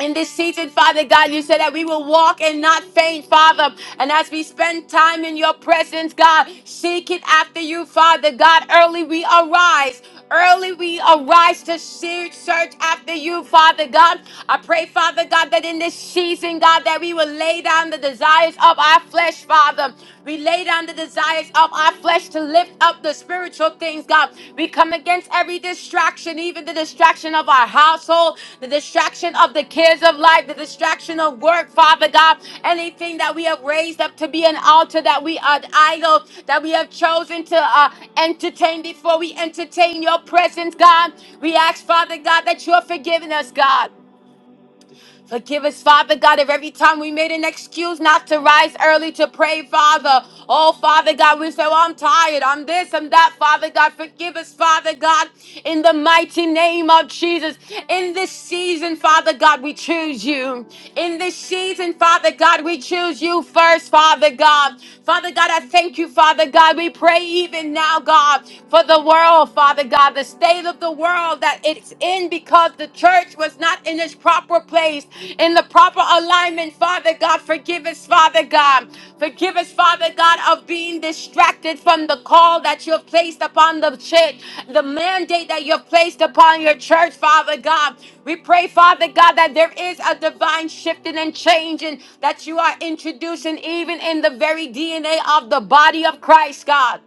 Speaker 1: in this season, Father God. You said that we will walk and not faint, Father. And as we spend time in your presence, God, seek it after you, Father God. Early we arise. Early we arise to search, search after you, Father God. I pray, Father God, that in this season, God, that we will lay down the desires of our flesh, Father. We lay down the desires of our our flesh to lift up the spiritual things, God. We come against every distraction, even the distraction of our household, the distraction of the cares of life, the distraction of work, Father God. Anything that we have raised up to be an altar, that we are idol, that we have chosen to uh, entertain before we entertain your presence, God. We ask, Father God, that you're forgiving us, God. Forgive us, Father God, if every time we made an excuse not to rise early to pray, Father. Oh, Father God, we say, well, I'm tired. I'm this, I'm that. Father God, forgive us, Father God, in the mighty name of Jesus. In this season, Father God, we choose you. In this season, Father God, we choose you first, Father God. Father God, I thank you, Father God. We pray even now, God, for the world, Father God, the state of the world world that it's in because the church was not in its proper place, in the proper alignment. Father God, forgive us, Father God. Forgive us, Father God, of being distracted from the call that you have placed upon the church, the mandate that you have placed upon your church, Father God. We pray, Father God, that there is a divine shifting and changing that you are introducing even in the very DNA of the body of Christ, God.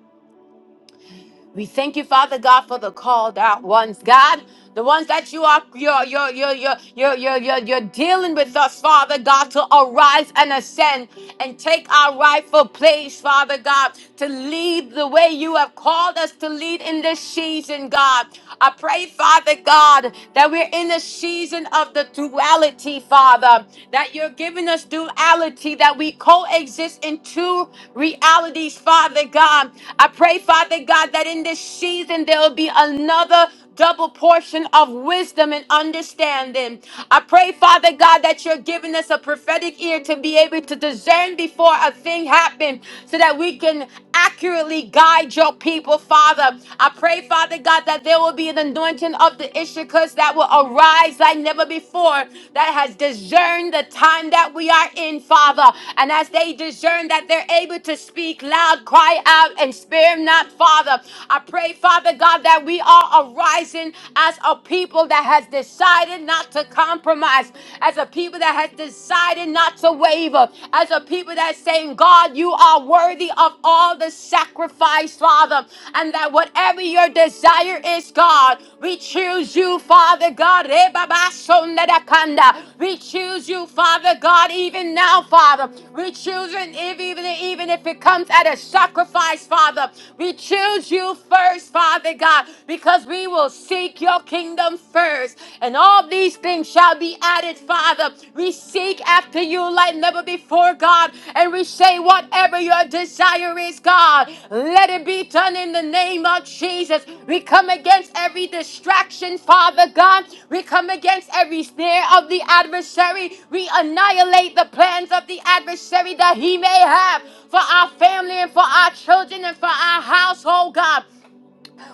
Speaker 1: We thank you, Father God, for the called out ones, God. The ones that you are you're you're you're you're you're you're, you're, you're dealing with us, Father God, to arise and ascend and take our rightful place, Father God, to lead the way you have called us to lead in this season, God. I pray, Father God, that we're in a season of the duality, Father, that you're giving us duality, that we coexist in two realities, Father God. I pray, Father God, that in in this season, there will be another double portion of wisdom and understanding. I pray, Father God, that you're giving us a prophetic ear to be able to discern before a thing happens so that we can accurately guide your people, Father. I pray, Father God, that there will be an anointing of the Issachars that will arise like never before that has discerned the time that we are in, Father. And as they discern that they're able to speak loud, cry out, and spare not, Father. I pray, Father God, that we are arising as a people that has decided not to compromise, as a people that has decided not to waver, as a people that's saying, God, you are worthy of all the sacrifice, Father, and that whatever your desire is, God, we choose you, Father God. Eh, baba, sonda da da, kanda. We choose you, Father God, even now, Father. We choose it, if- even, even if it comes at a sacrifice, Father. We choose you, first, Father God, because we will seek your kingdom first, and all these things shall be added, Father. We seek after you like never before, God, and we say, whatever your desire is, God, let it be done in the name of Jesus. We come against every distraction, Father God. We come against every snare of the adversary. We annihilate the plans of the adversary that he may have for our family and for our children and for our household, God.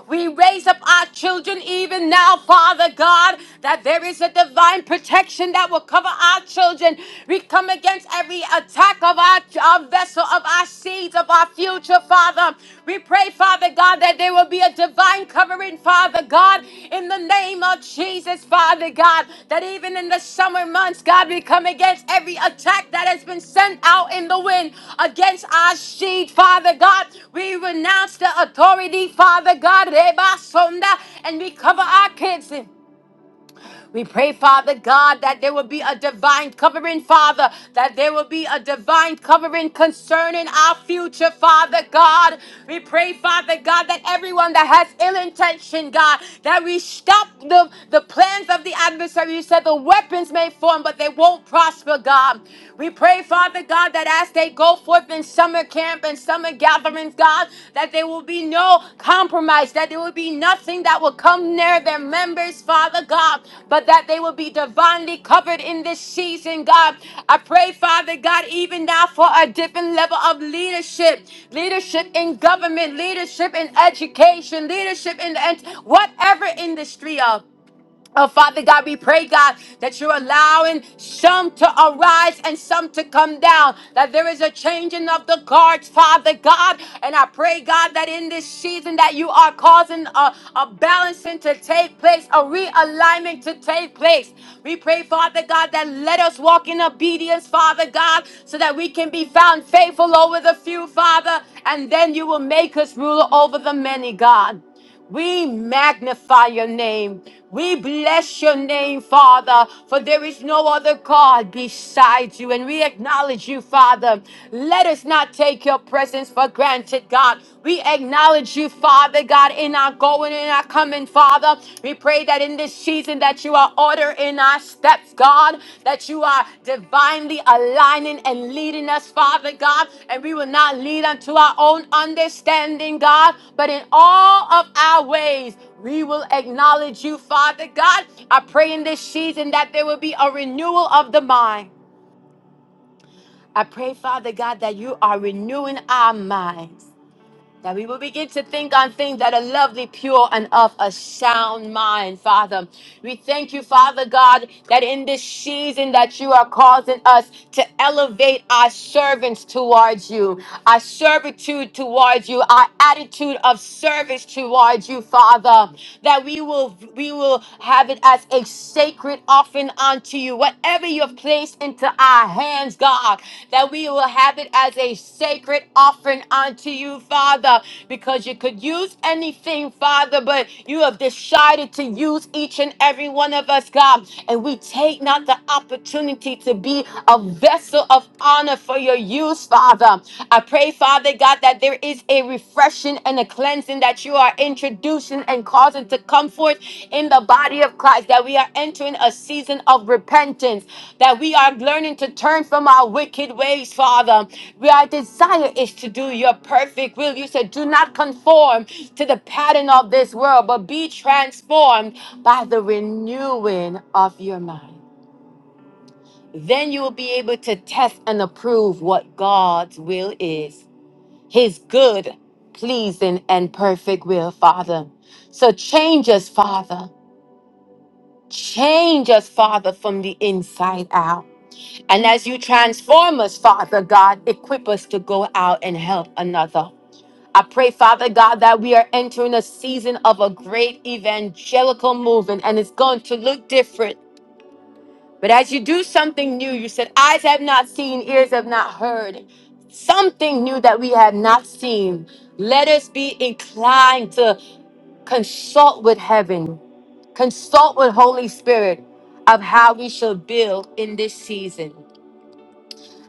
Speaker 1: We raise up our children even now, Father God, that there is a divine protection that will cover our children. We come against every attack of our, our vessel, of our seeds, of our future, Father. We pray, Father God, that there will be a divine covering, Father God. God, in the name of Jesus, Father God, that even in the summer months, God, we come against every attack that has been sent out in the wind against our seed, Father God. We renounce the authority, Father God, Reba Sonda, and we cover our kids. We pray, Father God, that there will be a divine covering, Father, that there will be a divine covering concerning our future, Father God. We pray, Father God, that everyone that has ill intention, God, that we stop the, the plans of the adversary. You said the weapons may form, but they won't prosper, God. We pray, Father God, that as they go forth in summer camp and summer gatherings, God, that there will be no compromise, that there will be nothing that will come near their members, Father God, but that they will be divinely covered in this season, God. I pray, Father God, even now for a different level of leadership leadership in government, leadership in education, leadership in ent- whatever industry of. Oh, Father God, we pray, God, that you're allowing some to arise and some to come down, that there is a changing of the guards, Father God. And I pray, God, that in this season that you are causing a, a balancing to take place, a realignment to take place. We pray, Father God, that let us walk in obedience, Father God, so that we can be found faithful over the few, Father, and then you will make us ruler over the many, God. We magnify your name. We bless your name, Father, for there is no other God besides you, and we acknowledge you, Father. Let us not take your presence for granted, God. We acknowledge you, Father, God, in our going and our coming, Father. We pray that in this season that you are ordering our steps, God, that you are divinely aligning and leading us, Father God, and we will not lead unto our own understanding, God, but in all of our ways, we will acknowledge you, Father God. I pray in this season that there will be a renewal of the mind. I pray, Father God, that you are renewing our minds. That we will begin to think on things that are lovely, pure, and of a sound mind, Father. We thank you, Father God, that in this season that you are causing us to elevate our servants towards you, our servitude towards you, our attitude of service towards you, Father. That we will we will have it as a sacred offering unto you. Whatever you have placed into our hands, God, that we will have it as a sacred offering unto you, Father, because you could use anything, Father, but you have decided to use each and every one of us, God. And we take not the opportunity to be a vessel of honor for your use, Father. I pray, Father God, that there is a refreshing and a cleansing that you are introducing and causing to come forth in the body of Christ. That we are entering a season of repentance, that we are learning to turn from our wicked ways, Father. We, our desire is to do your perfect will. You said, Do not conform to the pattern of this world, but be transformed by the renewing of your mind. Then you will be able to test and approve what God's will is his good, pleasing, and perfect will, Father. So change us, Father. Change us, Father, from the inside out. And as you transform us, Father God, equip us to go out and help another. I pray, Father God, that we are entering a season of a great evangelical movement and it's going to look different. But as you do something new, you said, Eyes have not seen, ears have not heard. Something new that we have not seen. Let us be inclined to consult with heaven, consult with Holy Spirit of how we should build in this season,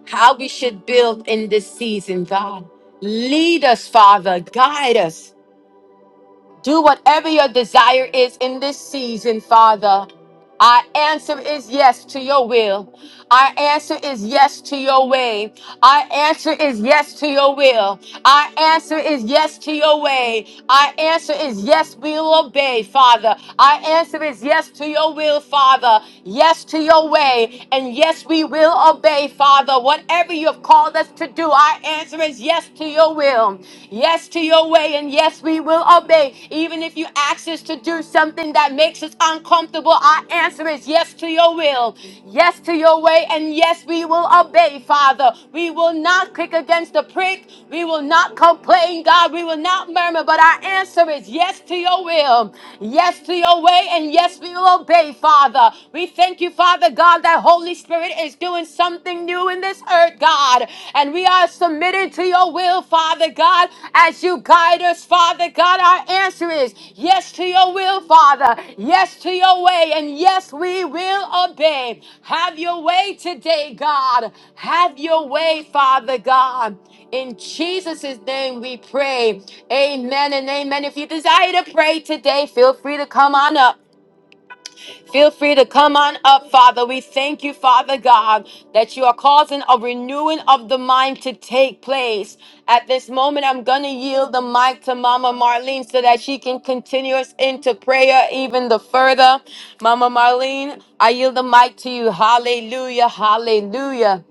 Speaker 1: how we should build in this season, God. Lead us, Father, guide us. Do whatever your desire is in this season, Father. Our answer is yes to your will. Our answer is yes to your way. Our answer is yes to your will. Our answer is yes to your way. Our answer is yes, we'll obey, Father. Our answer is yes to your will, Father. Yes to your way. And yes, we will obey, Father. Whatever you have called us to do, our answer is yes says yes to your will, yes to your way, and yes, we will obey. Even if you ask us to do something that makes us uncomfortable, our answer is yes to your will, yes to your way, and yes, we will obey, Father. We will not kick against the prick. We will not complain, God. We will not murmur, but our answer is yes to your will, yes to your way, and yes, we will obey, Father. We thank you, Father God, that Holy Spirit. Spirit is doing something new in this earth, God. And we are submitted to your will, Father God, as you guide us, Father God. Our answer is yes to your will, Father. Yes to your way. And yes, we will obey. Have your way today, God. Have your way, Father God. In Jesus' name we pray. Amen and amen. If you desire to pray today, feel free to come on up. Feel free to come on up, Father. We thank you, Father God, that you are causing a renewing of the mind to take place. At this moment, I'm going to yield the mic to Mama Marlene so that she can continue us into prayer even the further. Mama Marlene, I yield the mic to you. Hallelujah, hallelujah,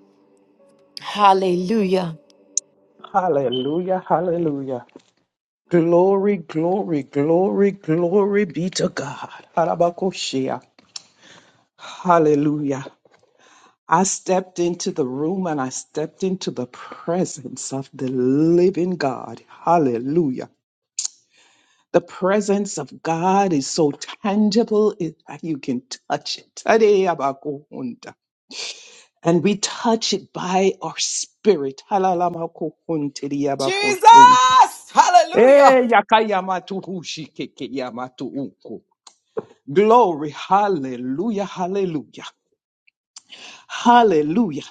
Speaker 1: hallelujah.
Speaker 4: Hallelujah, hallelujah. Glory, glory, glory, glory be to God. Harabakoshia. Hallelujah. I stepped into the room and I stepped into the presence of the living God. Hallelujah. The presence of God is so tangible it- that you can touch it. Tadeabakohunta. And we touch it by our spirit. Halalamakokhuntediabakoshunta.
Speaker 2: Jesus! Hallelujah!
Speaker 4: Eh, yakayamatu hushikeke yamatu uku. Glory, hallelujah, hallelujah, hallelujah.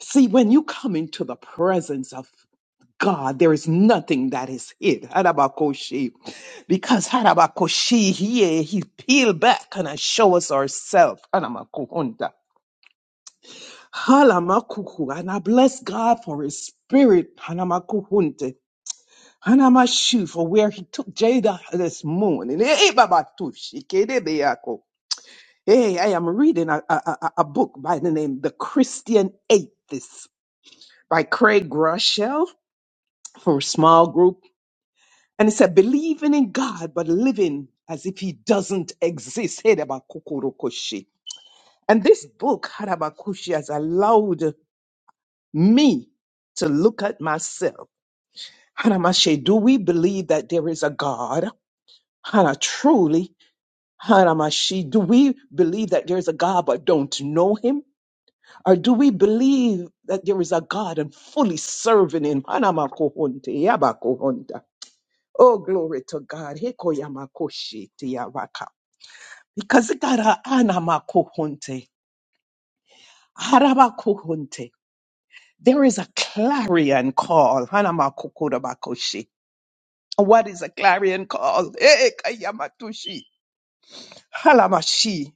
Speaker 4: See, when you come into the presence of God, there is nothing that is hid. Harabakoshi. Because Harabakoshi, he, he peel back and show us ourselves. Hanamakuhunta. Halamakuhu. And I bless God for his spirit. Hanamakuhunte. I am Hanamashu for where he took Jada this morning. Hey, Eh, eh, babatushi, kedebeako. Hey, I am reading a, a, a a book by the name The Christian Atheist by Craig Groeschel for a small group. And it said, believing in God, but living as if he doesn't exist. Hey, dabakokorokoshi. And this book, Harabakushi, has allowed me to look at myself. Hanamashe, do we believe that there is a God? Hana, truly Haramashi, do we believe that there is a God but don't know him? Or do we believe that there is a God and fully serving him? Hanamakohonte, yabakohonta. Oh, glory to God. Hekoyamakoshi, tiyabaka. Because it got a anamakohonte, harabakohonte. there is a clarion call. Hanamakokodabakoshi. What is a clarion call? Eh, kayamatushi. Halamashi.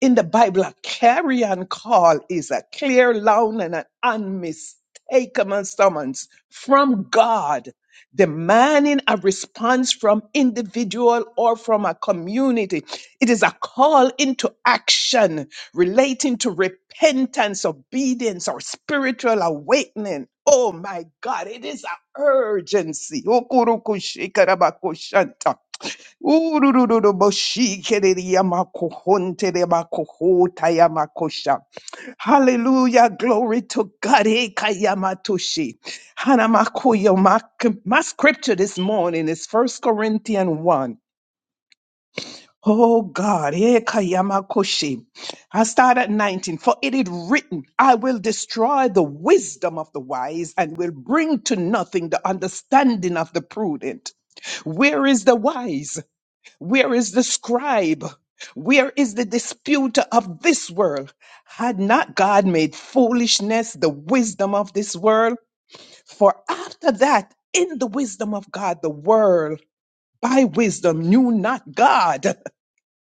Speaker 4: in the Bible, a clarion call is a clear, loud, and an unmistakable summons from God, demanding a response from individual or from a community. It is a call into action relating to repentance, obedience, or spiritual awakening. Oh my God, it is an urgency. Ururururuboshikereyamakohonteyamakohotayamakosham. Hallelujah. Glory to God. Ekayamatoshi. Hanamakoyo. My, my scripture this morning is 1 Corinthians 1. Oh God, Ekayamakoshi. I start at 19. For it is written, I will destroy the wisdom of the wise and will bring to nothing the understanding of the prudent. Where is the wise? Where is the scribe? Where is the disputer of this world? Had not God made foolishness the wisdom of this world? For after that, in the wisdom of God, the world by wisdom knew not God.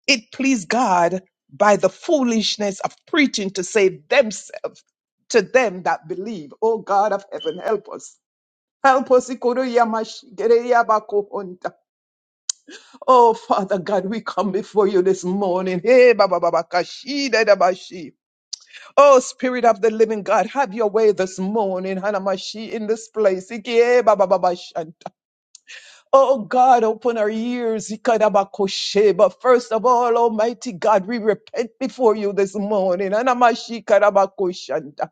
Speaker 4: It pleased God by the foolishness of preaching to save themselves to them that believe. O God of heaven, help us. Help us. Oh, Father God, we come before you this morning. Hey, ba, ba, ba, ba, kashi, da, da, ba, shi. Oh, Spirit of the Living God, have your way this morning, Hanamashi, in this place. Iki, eh, ba, ba, ba, ba, shanta. Oh, God, open our ears. Ika, da, ba, koshe. But first of all, Almighty God, we repent before you this morning. Hanamashi, ka, da, ba, koshanta.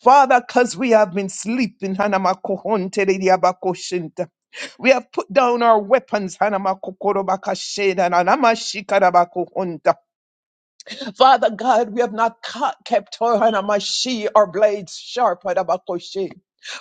Speaker 4: Father, because we have been sleeping, Hanamakohonterediabakoshinta. we have put down our weapons, Hanamakokorobakasheda, and Father God, we have not ca- kept Toranamashi, our blades sharp, Adabakoshi.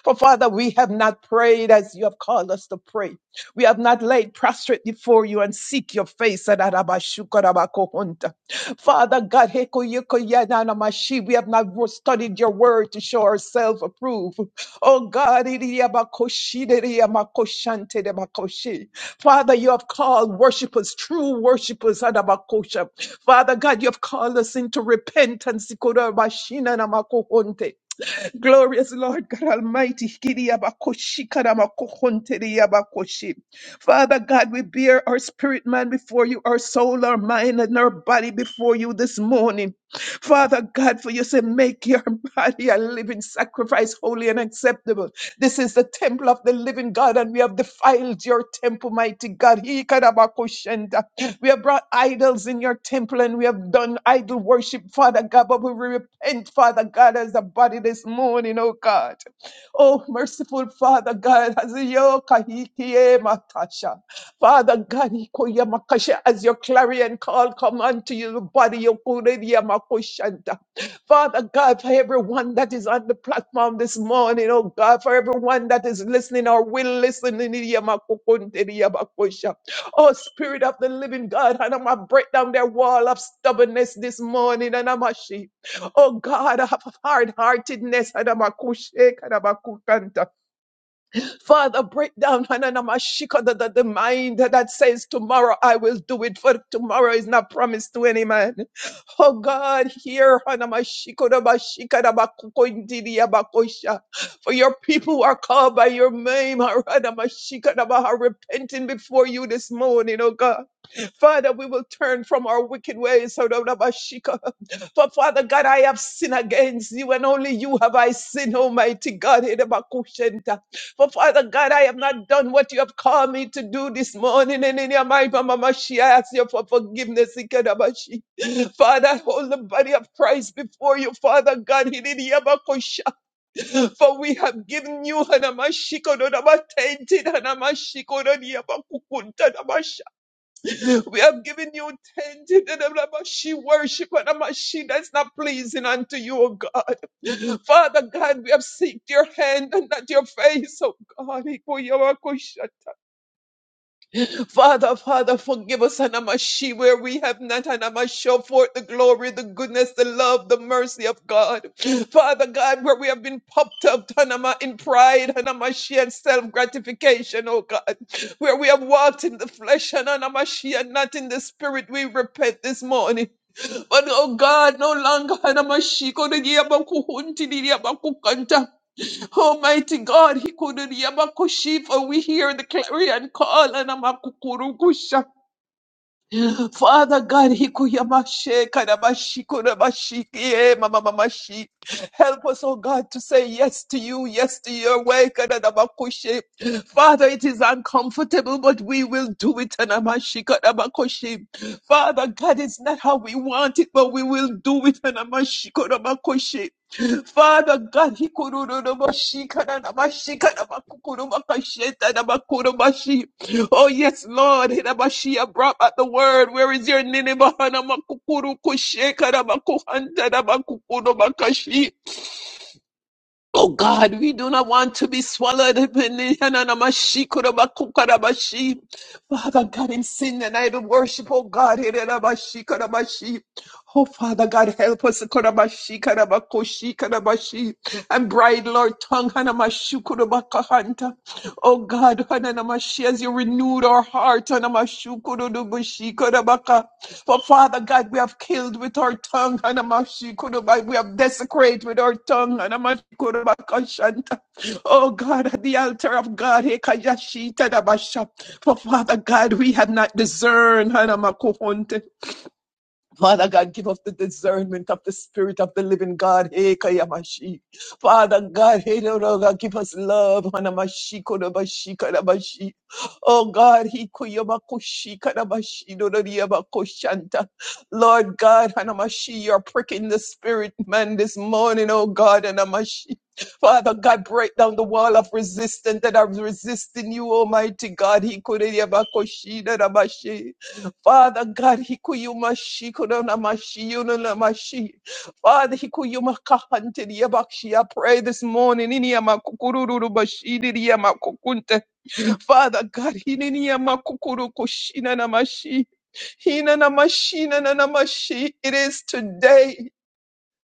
Speaker 4: For Father, we have not prayed as you have called us to pray. We have not laid prostrate before you and seek your face. Adarabashukarabakohunta. Father God, heko yeko yananamashi, we have not studied your word to show ourselves approved. Oh God, iriyabakoshideriyamakoshantedebakoshi. Father, you have called worshipers, true worshipers, adabakosha. Father God, you have called us into repentance. ikorabashinanamakohonte. Glorious Lord God Almighty, kiriyabakoshikaramakohonteriyabakoshi. Father God, we bear our spirit man before you, our soul, our mind, and our body before you this morning. Father God, for you say, make your body a living sacrifice, holy and acceptable. This is the temple of the living God, and we have defiled your temple, mighty God. Ikarabakushenda. We have brought idols in your temple, and we have done idol worship, Father God, but we repent, Father God, as a body this morning, oh God. Oh, merciful Father God, as your kahikie matasha. Father God, ikoya makasha, as your clarion call come unto you, the body your kuredia makoshanta. Father God, for everyone that is on the platform this morning, oh God, for everyone that is listening or will listen, nidia makokonteria makosha. oh Spirit of the living God, and I'm going to break down their wall of stubbornness this morning, and I'm a sheep. Oh God of hard heartedness. Father, break down ananamashika, the, the, the mind that says tomorrow I will do it, for tomorrow is not promised to any man. Oh God, hear anamashiko, namashika, namakuko, indidi, abakosha. for your people who are called by your name are anamashika, namaha, repenting before you this morning, oh God. Father, we will turn from our wicked ways. For Father God, I have sinned against you, and only you have I sinned, Almighty God. For Father God, I have not done what you have called me to do this morning. And in your mind, Mama Mashi, I ask you for forgiveness. Ikedabashi. Father, I hold the body of Christ before you, Father God. Hididiyabakusha. For we have given you Hanamashiko, Dodabatentin, Hanamashiko, Dodiyabakukunta, we have given you ten to the level of she worship and a machine that's not pleasing unto you, O God. Father God, we have seeked your hand and not your face, O God. Father, Father, forgive us, Anamashi, where we have not, Anamashi, show forth the glory, the goodness, the love, the mercy of God. Father God, where we have been puffed up, Anama, in pride, Anamashi, and self-gratification, oh God. Where we have walked in the flesh, Anamashi, and not in the spirit, we repent this morning. But, oh God, no longer, Anamashi, Almighty God, Hikuduriyabakushifa, we hear the clarion call, and Amakukurukusha. Father God, Hikuyamashe, Kadabashikurabashikie, Mamamamashi. Help us, oh God, to say yes to you, yes to your way, Kadadabakushe. Father, it is uncomfortable, but we will do it, Anamashi, Kadabakushi. Father God, it's not how we want it, but we will do it, Anamashi, Kodabakushi. Father God, he could no mashika na na mashika na makukuru makasheta na makuru kururubashikanamashikanamakukurubakashetanamakurubashi. Oh yes, Lord, He na Hirabashia brought out the word. Where is your Nineveh na makukuru kusheka, na makuhanta na makukuru makashi? Oh God, we do not want to be swallowed. up in the hananamashikurabakukaramashi. Father God, in sin and idol worship, oh God, He na Hirabashikanabashi. Oh, Father God, help us. Korabashi, karabakoshi, karabashi. And bride, Lord, tongue, hanamashu, korobakahanta. Oh, God, hananamashi, as you renewed our heart, hanamashu, korodobushi, korobaka. For Father God, we have killed with our tongue, hanamashi, korobai. we have desecrated with our tongue, hanamashi, korobakashanta. Oh, God, at the altar of God, hekayashi, tadabasha. For Father God, we have not discerned, hanamakuhonte. Father God, give us the discernment of the Spirit of the Living God. Hey, Kayamashi. Father God, hey, no, no, God, give us love. Hanamashi, Kodomashi, Kadamashi. Oh God, he Kuyomakushi, Kadamashi, no, no, Yamakoshanta. Lord God, Hanamashi, you're pricking the Spirit, man, this morning, oh God, Hanamashi. Father God, break down the wall of resistance that are resisting you, Almighty God. He could Father God, Hikuyuma Shikurana Mashiyuna Mashi. Father, Hikuyuma Kahante Yabakshi. I pray this morning, Iniyama Kukururu Bashidi Yama Kukunte. Father God, Hiniyama Kukuru Kushina Namashi. Hina Namashina Namashi. It is today,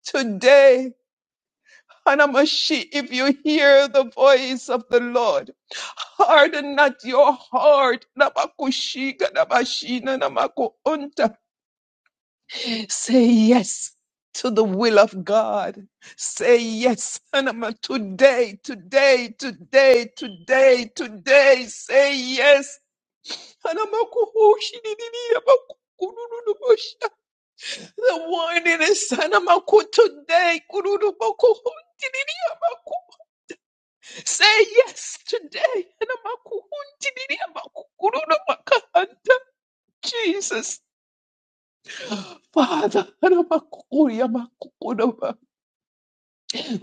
Speaker 4: today. Hanamashi, if you hear the voice of the Lord, harden not your heart. Namakushika, namashina, namakuunta. Say yes to the will of God. Say yes, Hanama, today, today, today, today, today. Say yes. Hanama, kuhushi, di, di, di, yaba, kururu, bosha. The warning is Hanama, ku, today. kururu, bo, kuhundi, di, di, yaba, ku. Say yes today. Hanama, kuhundi, di, di, yaba, ku, kururu, makahanta. Jesus, Father. Hanama, kuku, yama, kuku,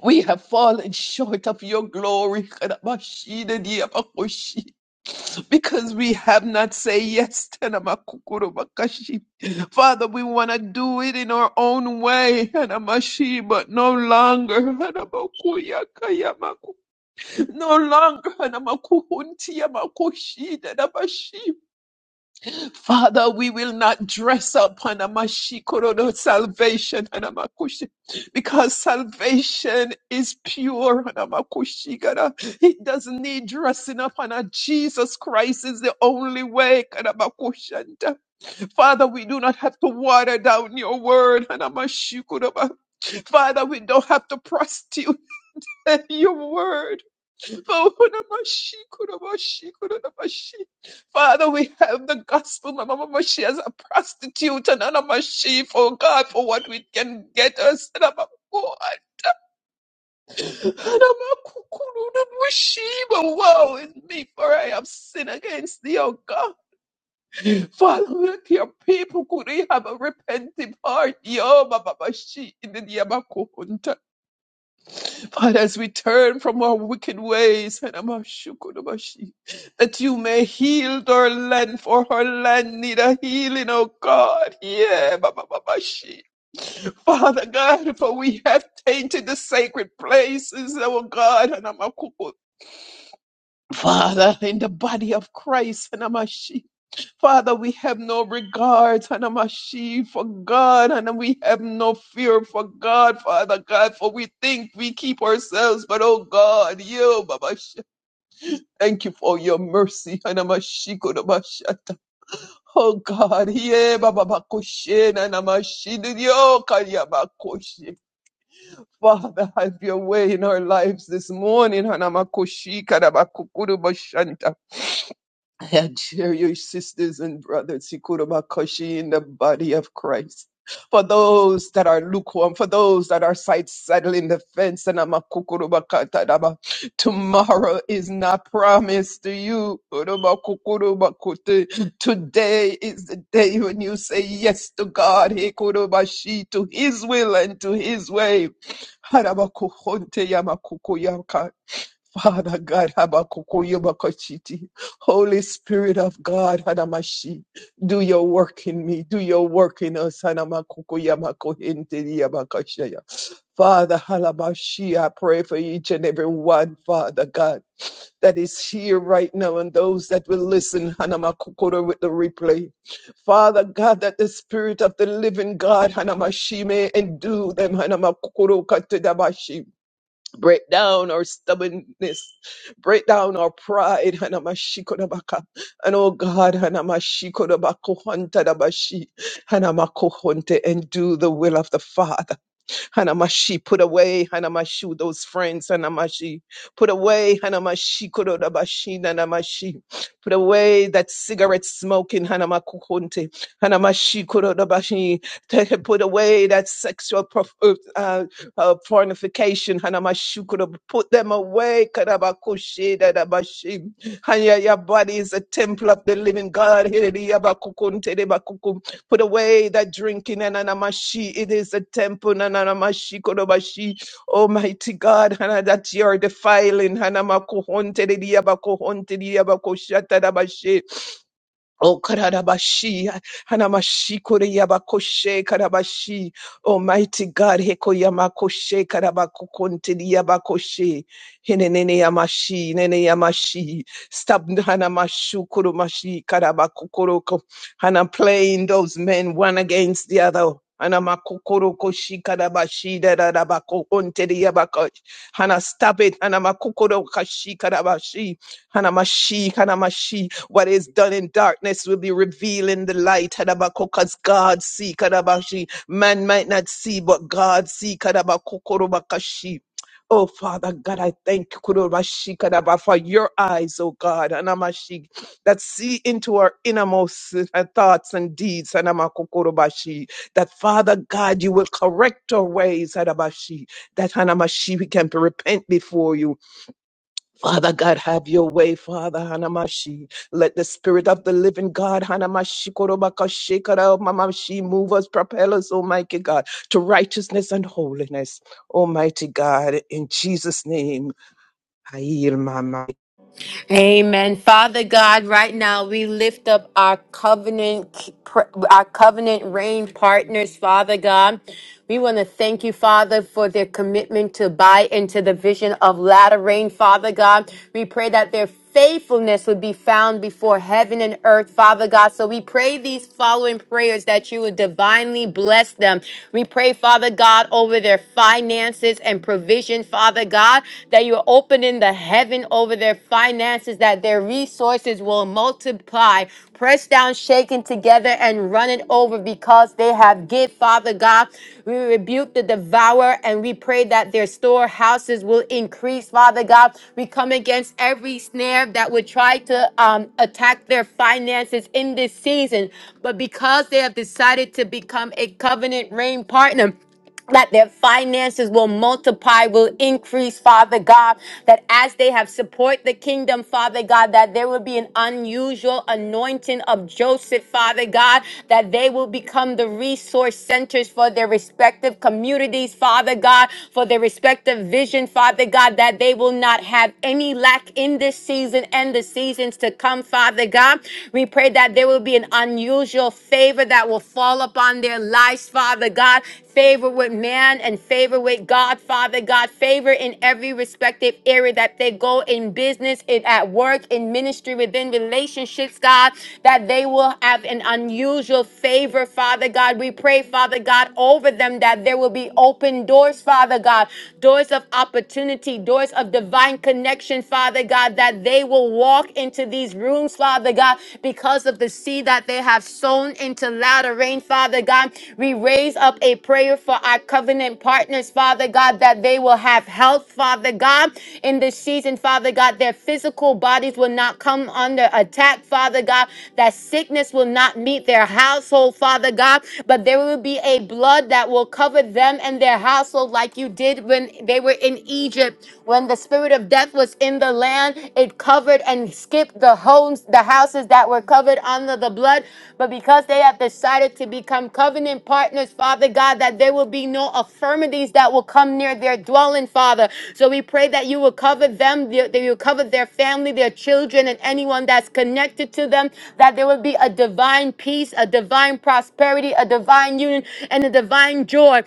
Speaker 4: We have fallen short of your glory, Kadabashida Diabakoshi, because we have not said yes to Namakukuru Bakashi. Father, we want to do it in our own way, Hanamashi, but no longer. Hanabakuya Kayamaku. No longer. Hanamakuhunti Yamakoshi Dadabashi. Father, we will not dress up Hanamashikorodo salvation Hanamakushi because salvation is pure Hanamakushigara. It doesn't need dressing up Hana. Jesus Christ is the only way Hanamakushanta. Father, we do not have to water down your word Hanamashikoroba. Father, we don't have to prostitute your word. Father, we have the gospel, Mama Mamashi, as a prostitute and Anamashi, for God, for what we can get us. And I'm a God. And I'm a kukuru, Namashi, But woe is me, for I have sinned against thee, O God. Father, let your people could have a repentant heart. Yo, Mama Mamashi, in the Yamakuhunta. But as we turn from our wicked ways, Hanamashukurabashi, that you may heal our land, for our land need a healing, oh God. Yeah, Bababashi. Father God, for we have tainted the sacred places, oh God. Hanamakuku. Father, in the body of Christ, Hanamashi. Father, we have no regard, Hanamashi, for God, and we have no fear for God, Father God, for we think we keep ourselves, but oh God, you, Baba, thank you for your mercy, Hanamashi, Kodabashata. Oh God, yeah, Baba Bakoshe, Hanamashi, Didio, Kalyabakoshi. Father, have your way in our lives this morning, Hanamakoshi, Kadabakukuru, Bashanta. I adjure you, sisters and brothers, ikurubakoshi in the body of Christ. For those that are lukewarm, for those that are side saddling the fence, and I'm a kukurubakatadaba. tomorrow is not promised to you. Urubakukurubakute. Today is the day when you say yes to God, Ikurubashi, to His will and to His way. Harabakuhonte yamakukuyakai. Father God, Habakkuk-Yobakachiti. Holy Spirit of God, Hanamashi, do your work in me, do your work in us. Hanamakuku-Yamakuhintiri-Yabakashaya. Father, Halabashi, I pray for each and every one, Father God, that is here right now and those that will listen, Hanamakukura, with the replay. Father God, that the Spirit of the living God, Hanamashi, may endue them, Hanamakukuru-Katedabashi. Break down our stubbornness. Break down our pride. Hanamashikudabaka. And oh God, Hanamashikudabakuhuntadabashi. Hanamakuhunte, and do the will of the Father. Hanamashi, put away, Hanamashu, those friends, Hanamashi, put away, Hanamashi, Kurodabashi, Hanamashi, put away that cigarette smoking, Hanamakukunte, Hanamashi, Kurodabashi, Take- put away that sexual prof- uh, uh, uh, pornification, Hanamashu, Kurob- put them away, Karabakushi, Dadabashi, Hanya, your body is a temple of the living God, Hiriyabakukunte, Debakukum. Put away that drinking, Ananamashi. It is a temple, Ananamashi, Kodobashi. Almighty God, Hana, that you are defiling. Hanamakohonte, Diabakohonte, Diabakoshata, Dabashi. Oh, Karadabashi, Hanamashi, Koreyabakoshe, Karabashi, Almighty God, Hekoyamakoshe, Karabakukonte, Yabakoshe, Hinene Yamashi, Nene Yamashi, Stab Hanamashu, Kurumashi, Karabakukoroko, Hana playing those men one against the other. Hana makukoroko Hanamakukoroko, Shikarabashi, Dadabakonte, Yabakosh, Hana stab it, Hanamakukoroko, Shikarabashi, Hanamashi, Hanamashi, what is done in darkness will be revealed in the light. Because God see. Kadabashi. Man might not see, but God see. Kadabakokorobakashi. Oh, Father God, I thank you Kurobashi Kadaba, for your eyes, oh God, Anamashi, that see into our innermost uh, thoughts and deeds, Anamakukurobashi. That, Father God, you will correct our ways, Adabashi, that Anamashi, we can repent before you. Father God, have your way, Father Hanamashi. Let the spirit of the living God, Hanamashi, Korobaka, Shekara, Mamashi, move us, propel us, Almighty God, to righteousness and holiness, Almighty God, in Jesus' name. I yield my mind.
Speaker 1: Amen. Father God, right now we lift up our covenant our covenant reign partners, Father God. We want to thank you, Father, for their commitment to buy into the vision of latter rain, Father God. We pray that their faithfulness would be found before heaven and earth, Father God. So we pray these following prayers that you would divinely bless them. We pray, Father God, over their finances and provision, Father God, that you're opening the heaven over their finances, that their resources will multiply, pressed down, shaken together, and running over because they have give, Father God. We rebuke the devourer and we pray that their storehouses will increase, Father God. We come against every snare that would try to um, attack their finances in this season. But because they have decided to become a covenant reign partner, that their finances will multiply, will increase, Father God, that as they have support the kingdom, Father God, that there will be an unusual anointing of Joseph, Father God, that they will become the resource centers for their respective communities, Father God, for their respective vision, Father God, that they will not have any lack in this season and the seasons to come, Father God. We pray that there will be an unusual favor that will fall upon their lives, Father God, favor with man and favor with God, Father God, favor in every respective area that they go in business, in, at work, in ministry, within relationships, God, that they will have an unusual favor, Father God. We pray, Father God, over them that there will be open doors, Father God, doors of opportunity, doors of divine connection, Father God, that they will walk into these rooms, Father God, because of the of the seed that they have sown into latter rain, Father God. We raise up a prayer for our covenant partners, Father God, that they will have health, Father God, in this season, Father God. Their physical bodies will not come under attack, Father God. That sickness will not meet their household, Father God, but there will be a blood that will cover them and their household, like you did when they were in Egypt, when the spirit of death earth was in the land. It covered and skipped the homes, the houses that were covered under the blood. But because they have decided to become covenant partners, Father God, that there will be no affirmities that will come near their dwelling, Father. So we pray that you will cover them, that you will cover their family, their children, and anyone that's connected to them, that there will be a divine peace, a divine prosperity, a divine union, and a divine joy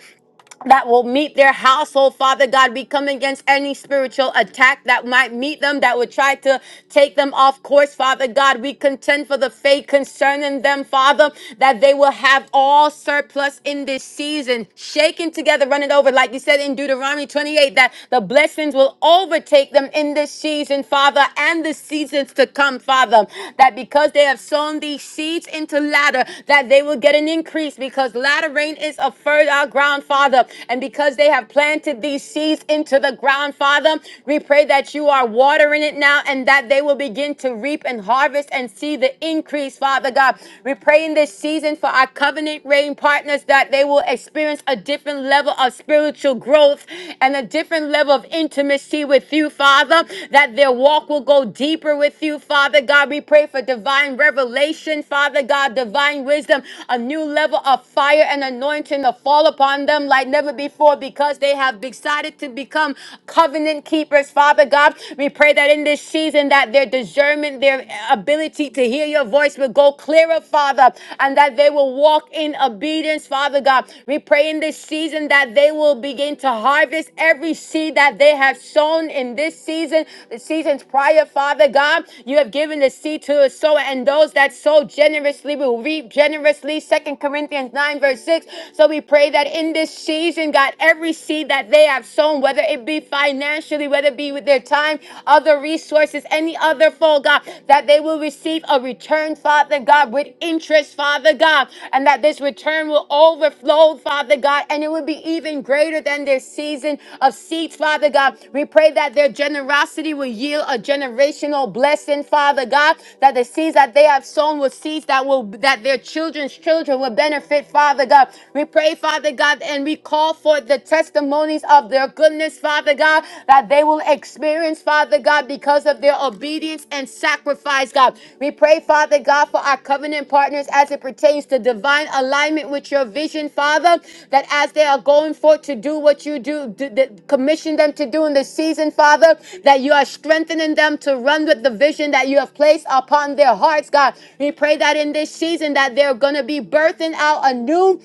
Speaker 1: that will meet their household, Father God. We come against any spiritual attack that might meet them, that would try to take them off course, Father God. We contend for the faith concerning them, Father, that they will have all surplus in this season, shaken together, running over, like you said in Deuteronomy 28, that the blessings will overtake them in this season, Father, and the seasons to come, Father, that because they have sown these seeds into ladder, that they will get an increase because ladder rain is a fertile ground, Father. And because they have planted these seeds into the ground, Father, we pray that you are watering it now and that they will begin to reap and harvest and see the increase, Father God. We pray in this season for our covenant reign partners that they will experience a different level of spiritual growth and a different level of intimacy with you, Father, that their walk will go deeper with you, Father God. We pray for divine revelation, Father God, divine wisdom, a new level of fire and anointing to fall upon upon them like never before because they have decided to become covenant keepers. Father God, we pray that in this season that their discernment, their ability to hear your voice will go clearer, Father, and that they will walk in obedience, Father God. We pray in this season that they will begin to harvest every seed that they have sown in this season, the seasons prior, Father God. You have given the seed to a sower, and those that sow generously will reap generously. Second Corinthians 9, verse 6. So we pray that in this season, God, every seed that they have sown, whether it be financially, whether it be with their time, other resources, any other fold, God, that they will receive a return, Father God, with interest, Father God, and that this return will overflow, Father God, and it will be even greater than their season of seeds, Father God. We pray that their generosity will yield a generational blessing, Father God, that the seeds that they have sown will seeds that will that their children's children will benefit, Father God. We pray, Father God, and we call for the testimonies of their goodness, Father God, that they will experience, Father God, because of their obedience and sacrifice, God. We pray, Father God, for our covenant partners as it pertains to divine alignment with your vision, Father, that as they are going forth to do what you do, d- d- commission them to do in this season, Father, that you are strengthening them to run with the vision that you have placed upon their hearts, God. We pray that in this season that they're going to be birthing out a new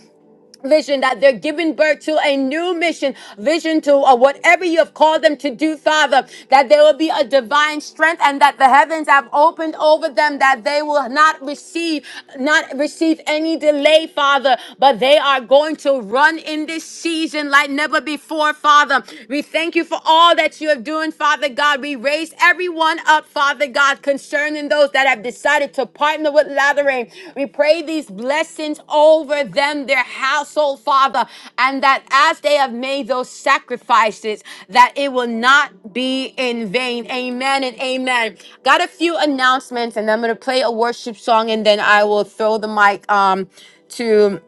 Speaker 1: vision that they're giving birth to a new mission vision to or whatever you have called them to do father that there will be a divine strength and that the heavens have opened over them that they will not receive not receive any delay father but they are going to run in this season like never before father we thank you for all that you have doing father god we raise every everyone up, Father God, concerning those that have decided to partner with Lathering. We pray these blessings over them, their household, Father, and that as they have made those sacrifices, that it will not be in vain. Amen and amen. Got a few announcements, and I'm going to play a worship song, and then I will throw the mic um, to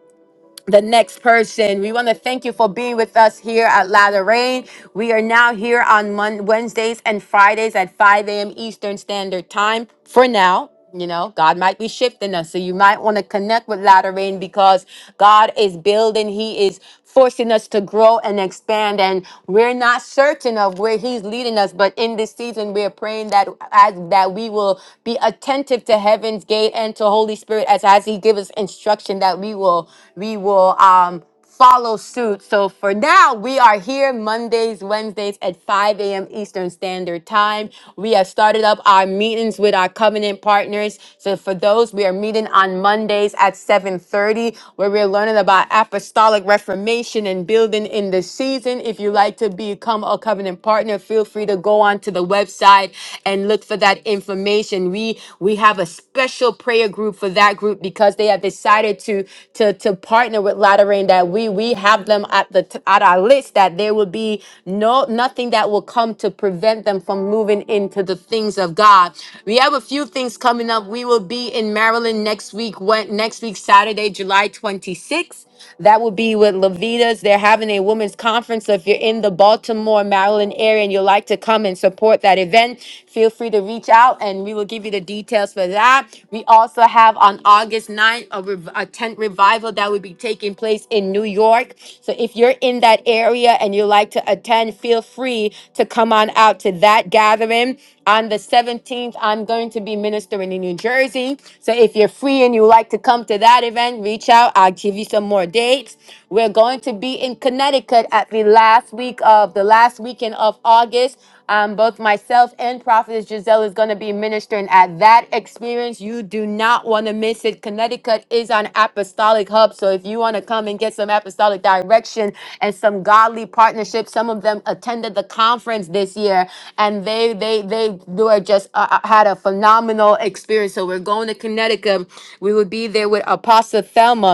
Speaker 1: the next person. We want to thank you for being with us here at Ladder Rain. We are now here on Mon- Wednesdays and Fridays at 5 a.m. Eastern Standard Time for now. You know, God might be shifting us. So you might want to connect with Ladder Rain because God is building. He is forcing us to grow and expand. And we're not certain of where He's leading us, but in this season, we're praying that as that we will be attentive to heaven's gate and to Holy Spirit as as He gives us instruction that we will we will um follow suit. So for now, we are here Mondays, Wednesdays at 5 a.m. Eastern Standard Time. We have started up our meetings with our covenant partners. So for those, we are meeting on Mondays at 7:30, where we're learning about apostolic apostolic reformation and building in the season. If you like to become a covenant partner, feel free to go on to the website and look for that information. We we have a special prayer group for that group because they have decided to to to partner with Lateran that we we have them at the t- at our list that there will be no nothing that will come to prevent them from moving into the things of God. We have a few things coming up. We will be in Maryland next week, Wed- next week Saturday, July 26th. That would be with Levitas. They're having a women's conference. So if you're in the Baltimore, Maryland area and you'd like to come and support that event, feel free to reach out and we will give you the details for that. We also have on August ninth a, rev- a tent revival that will be taking place in New York. So if you're in that area and you'd like to attend, feel free to come on out to that gathering. On the 17th, I'm going to be ministering in New Jersey. So if you're free and you like to come to that event, reach out. I'll give you some more dates. We're going to be in Connecticut at the last week of the last weekend of August. Um, both myself and Prophetess Giselle is going to be ministering at that experience. You you do not want to miss it. Connecticut is an apostolic hub. So if you want to come and get some apostolic direction and some godly partnerships, some of them attended the conference this year and they they they were just uh, uh, had a phenomenal experience. So we're going to Connecticut. We will be there with Apostle Thelma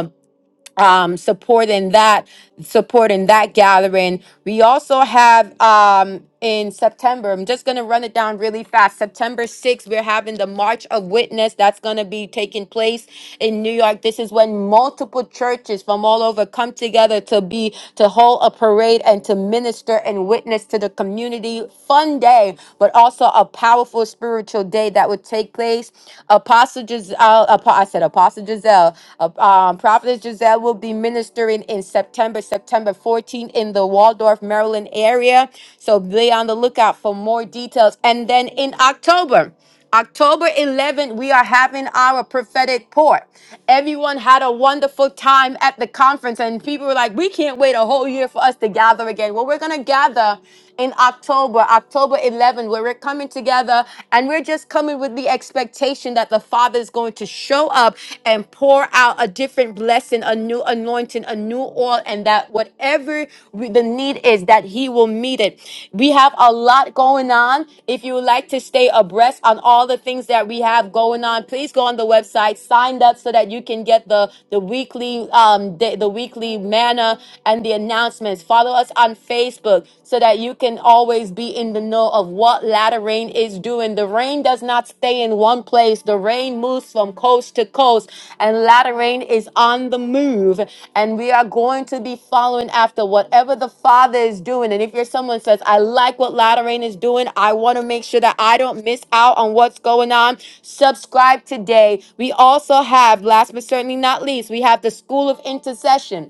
Speaker 1: um, supporting that supporting that gathering we also have um, in september i'm just going to run it down really fast september 6th we're having the march of witness that's going to be taking place in new york this is when multiple churches from all over come together to be to hold a parade and to minister and witness to the community fun day but also a powerful spiritual day that would take place Apostles. Giselle, Apo- I said Apostle Giselle, uh, um, Prophetess Giselle will be ministering in September, September 14th in the Waldorf, Maryland area. So be on the lookout for more details. And then in October, October 11th, we are having our prophetic port. Everyone had a wonderful time at the conference, and people were like, We can't wait a whole year for us to gather again. Well, we're going to gather in October, October 11, where we're coming together and we're just coming with the expectation that the Father is going to show up and pour out a different blessing, a new anointing, a new oil, and that whatever we- the need is, that He will meet it. We have a lot going on. If you would like to stay abreast on all the things that we have going on, please go on the website, sign up so that you can get the the weekly um the, the weekly manna and the announcements. Follow us on Facebook so that you can always be in the know of what Latter Rain is doing. The rain does not stay in one place, the rain moves from coast to coast, and Latter Rain is on the move. And we are going to be following after whatever the Father is doing. And if you're someone who says, I like what Latter Rain is doing, I want to make sure that I don't miss out on what's going on, subscribe today. We also have, last but certainly not least, we have the School of Intercession.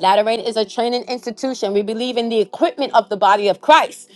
Speaker 1: Lateran is a training institution. We believe in the equipment of the body of Christ.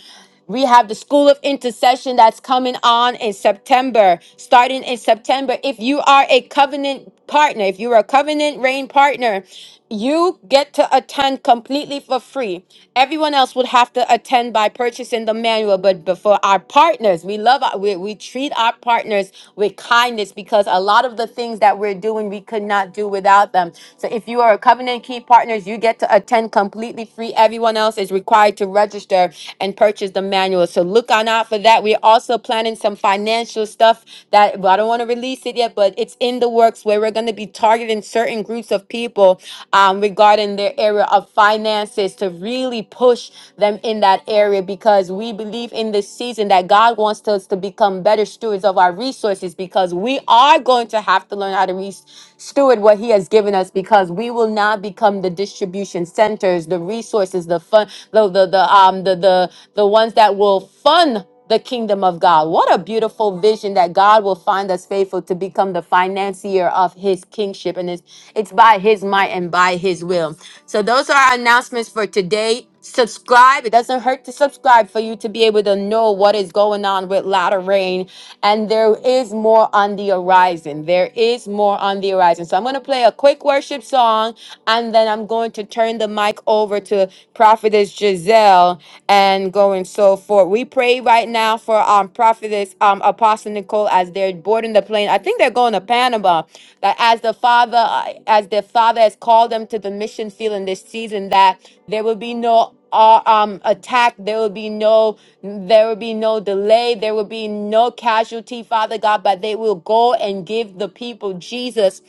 Speaker 1: We have the School of Intercession that's coming on in September, starting in September. If you are a covenant partner, if you're a covenant reign partner, you get to attend completely for free. Everyone else would have to attend by purchasing the manual, but before our partners, we love our, we, we treat our partners with kindness because a lot of the things that we're doing we could not do without them. So if you are a covenant key partners, you get to attend completely free. Everyone else is required required to register and purchase the manual. So look on out for that. We're also planning some financial stuff that well, I don't want to release it yet, but it's in the works where we're going to be targeting certain groups of people um, regarding their area of finances to really push them in that area because we believe in this season that God wants us to become better stewards of our resources because we are going to have to learn how to re- steward what He has given us because we will now become the distribution center centers, the resources, the fun, the the the um the the the ones that will fund the kingdom of God. What a beautiful vision that God will find us faithful to become the financier of his kingship. And it's it's by his might and by his will. So those are our announcements for today subscribe. It doesn't hurt to subscribe for you to be able to know what is going on with Latter Rain. And there is more on the horizon. There is more on the horizon. So I'm going to play a quick worship song and then I'm going to turn the mic over to Prophetess Giselle and going so forth. We pray right now for our prophet prophetess, um, Apostle Nicole, as they're boarding the plane. I think they're going to Panama. That as the Father, uh, as the Father has called them to the mission field in this season, that there will be no uh, um attack there will be no there will be no delay there will be no casualty father god but they will go and give the people jesus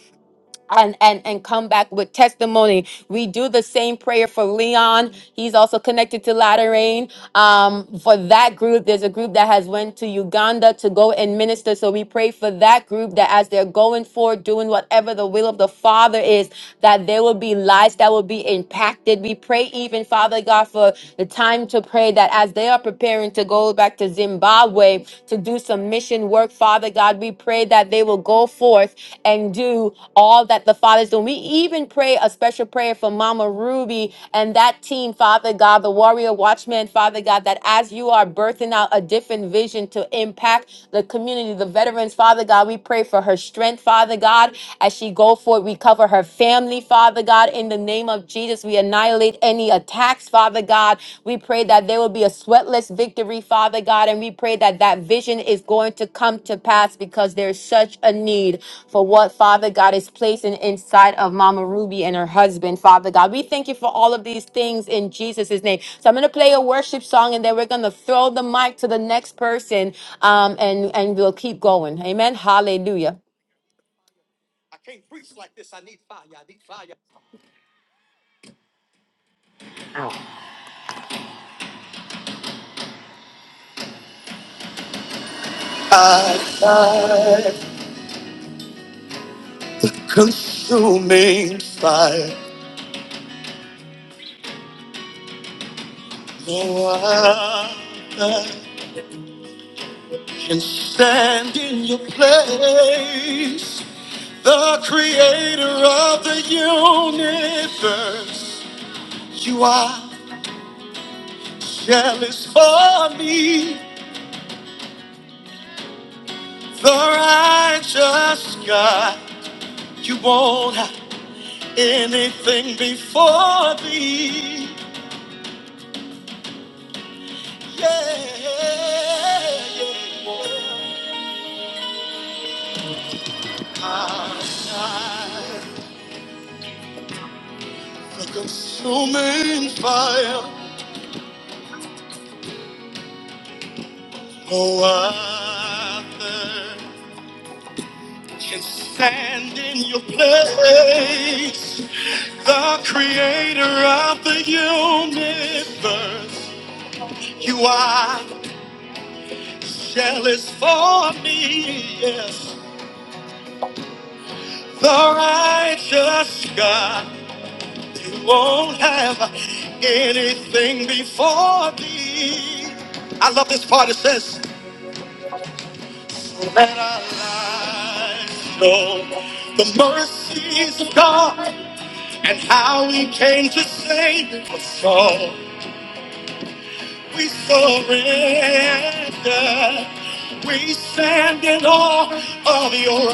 Speaker 1: and, and and come back with testimony. We do the same prayer for Leon. He's also connected to Lateran. Um, for that group, there's a group that has went to Uganda to go and minister. So we pray for that group that as they're going forward, doing whatever the will of the Father is, that there will be lives that will be impacted. We pray even, Father God, for the time to pray that as they are preparing to go back to Zimbabwe highway to do some mission work. Father God, we pray that they will go forth and do all that the Father's doing. We even pray a special prayer for Mama Ruby and that team, Father God, the Warrior Watchmen, Father God, that as you are birthing out a different vision to impact the community, the veterans, Father God, we pray for her strength, Father God, as she go forth. We cover her family, Father God, in the name of Jesus. We are not violate any attacks, Father God. We pray that there will be a sweatless victory, Father God, and we pray that that vision is going to come to pass because there's such a need for what Father God is placing inside of Mama Ruby and her husband, Father God. We thank you for all of these things in Jesus' name. So I'm going to play a worship song and then we're going to throw the mic to the next person um, and, and we'll keep going. Amen. Hallelujah. Consuming fire. No other and stand in your place. The creator of the universe, you are jealous for me. The righteous God, you won't have anything before thee. Yeah, yeah, yeah. Outside the consuming fire. No other can stand in your place. The creator of the universe. You are jealous for me, yes. The righteous God. You won't have anything before thee. I love this part. It says, Let our lives know the mercies of God. and how we came to sing a song. We surrender. We stand in awe of your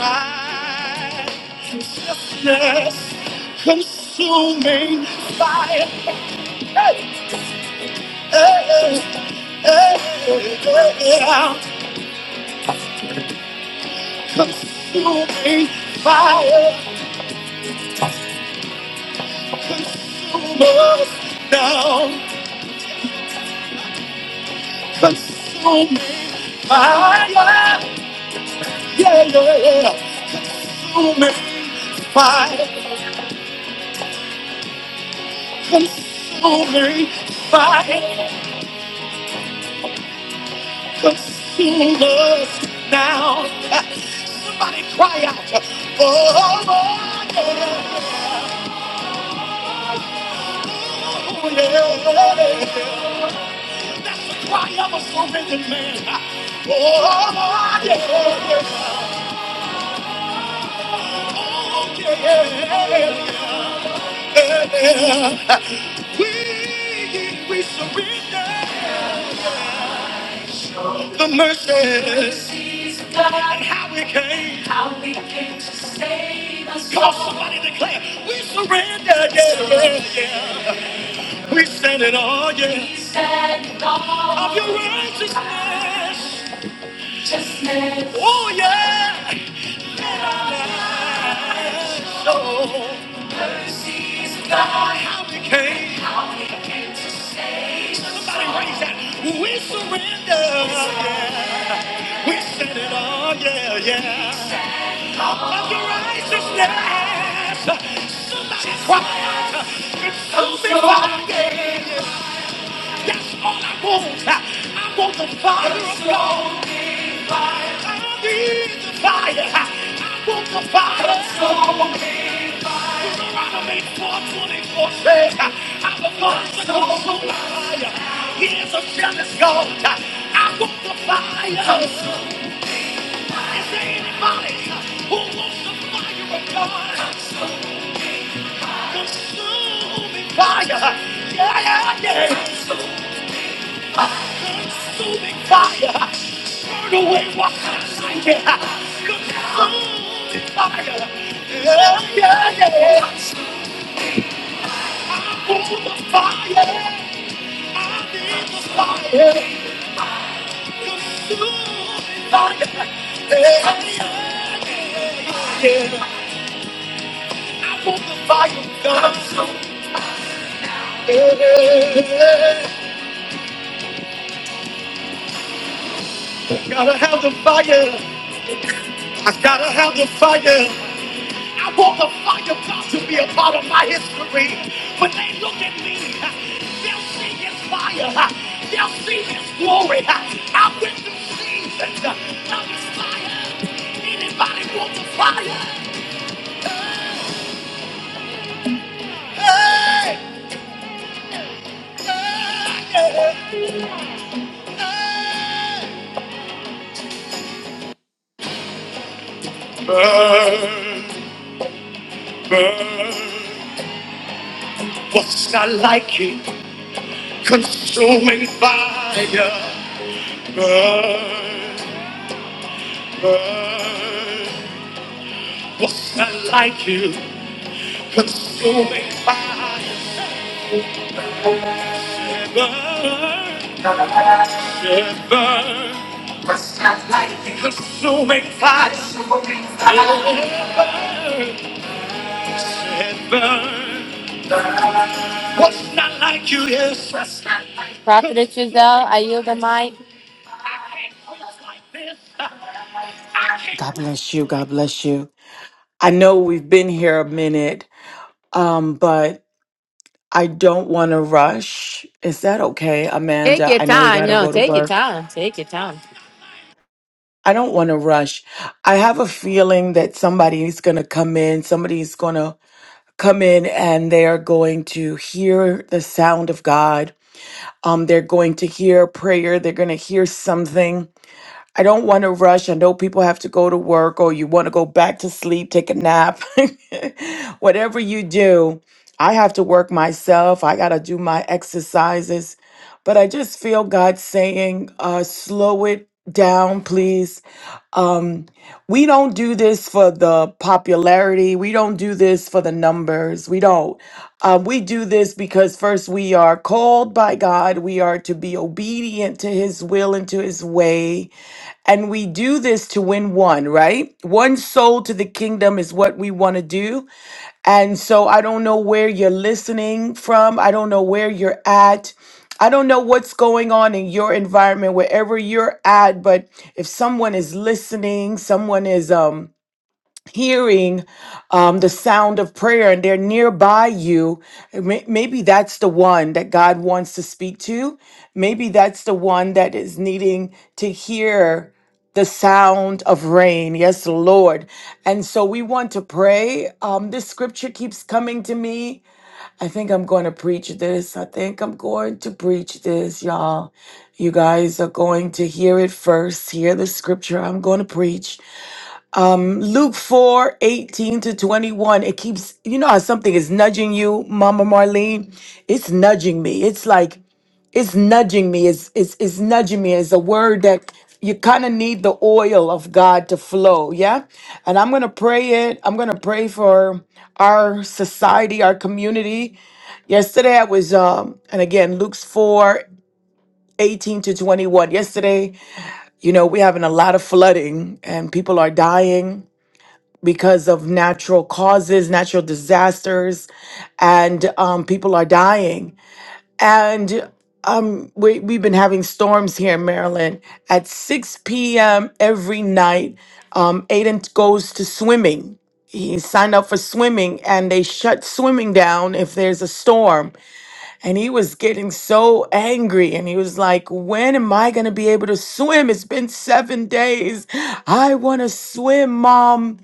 Speaker 1: righteousness, consuming, eh, eh, eh, eh, consuming, consuming us down, consuming, yeah, yeah, yeah, consuming fire, consuming fire. but feeling lost now. Somebody cry out. Oh, yeah, oh, yeah. Cry out a surrendered man. Oh, yeah, oh, yeah. We, we surrender the mercies of God and how we came. How we came to save us. Come on, somebody declare. We surrender, yeah, yeah, yeah. We stand in awe, yeah. We stand in awe Of your righteousness. righteousness. Oh, yeah. Oh, how we came. Somebody raise that. We surrender, yeah. We stand in awe, yeah, yeah. Of your righteousness. Somebody quiet. It's so big, yeah. That's all I want. I want the fire of God. I need the fire. I want the fire of God. Deuteronomy 424 says, I'm the God that consumes fire. He is a jealous God. I want the fire. Is there any who the fire consuming fire? Yeah, yeah, yeah. Consuming fire. Consuming fire. Yeah, yeah. I need the fire. Gotta have the fire. I gotta have the fire. I want the fire God to be a part of my history. When they look at me, they'll see his fire. They'll see his glory. I went through seasons of His fire. Anybody want the fire? Burn, burn. What's not like it? Consuming fire, burn, burn. What's not like you? Consuming fire, burn, yeah, burn. Consuming fire, yeah, burn. What's not like you? Yes. Prophetess Giselle, I yield the mic.
Speaker 2: God bless you. God bless you. I know we've been here a minute, um, but I don't want to rush. Is that okay,
Speaker 1: Take
Speaker 2: Amanda?
Speaker 1: your
Speaker 2: I know you
Speaker 1: time.
Speaker 2: got to
Speaker 1: No,
Speaker 2: go to
Speaker 1: take your
Speaker 2: work.
Speaker 1: time. Take your time.
Speaker 2: I don't want to rush. I have a feeling that somebody's going to come in. Somebody's going to come in and they are going to hear the sound of God. Um, they're going to hear prayer. They're going to hear something I don't want to rush. I know people have to go to work or you want to go back to sleep, take a nap. Whatever you do, I have to work myself. I got to do my exercises. But I just feel God saying, uh, slow it down, please. We don't do this for the popularity. We don't do this for the numbers. We don't. Um, we do this because first we are called by God. We are to be obedient to his will and to his way we do this to win one, right? One soul to the kingdom is what we want to do. And so I don't know where you're listening from. I don't know where you're at. I don't know what's going on in your environment, wherever you're at, but if someone is listening, someone is um, hearing um, the sound of prayer and they're nearby you, may- maybe that's the one that God wants to speak to. Maybe that's the one that is needing to hear sound of rain. Yes, Lord. And so we want to pray. Um, this scripture keeps coming to me. I think I'm going to preach this. I think I'm going to preach this, y'all. You guys are going to hear it first. Hear the scripture I'm going to preach. Luke 4 18 to 21. It keeps, you know, how something is nudging you, Mama Marlene? It's nudging me. It's like, it's nudging me Is is is nudging me is a word that you kind of need the oil of god to flow yeah and i'm gonna pray it i'm gonna pray for our society our community yesterday i was um and again luke's 4 18 to 21 yesterday you know we're having a lot of flooding and people are dying because of natural causes natural disasters and um, people are dying and um, we, we've been having storms here in Maryland at 6 p.m. every night. Um, Aiden goes to swimming. He signed up for swimming and they shut swimming down if there's a storm. And he was getting so angry and he was like, When am I going to be able to swim? It's been seven days. I want to swim, mom.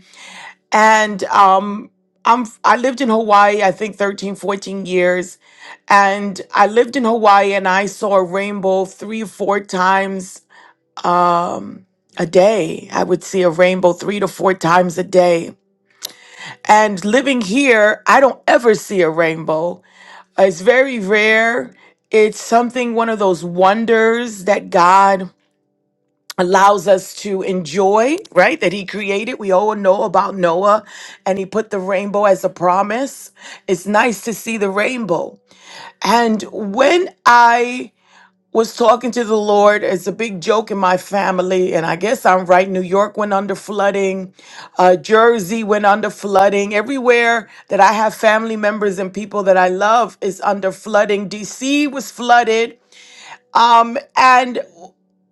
Speaker 2: And um, I'm, I lived in Hawaii, I think 13, 14 years and I lived in Hawaii and I saw a rainbow three, four times a day. I would see a rainbow three to four times a day. And living here, I don't ever see a rainbow. It's very rare. It's something, one of those wonders that God allows us to enjoy, right? That He created. We all know about Noah and He put the rainbow as a promise. It's nice to see the rainbow. And when I was talking to the Lord. It's a big joke in my family, and I guess I'm right. New York went under flooding, uh, Jersey went under flooding. Everywhere that I have family members and people that I love is under flooding. DC was flooded. Um, and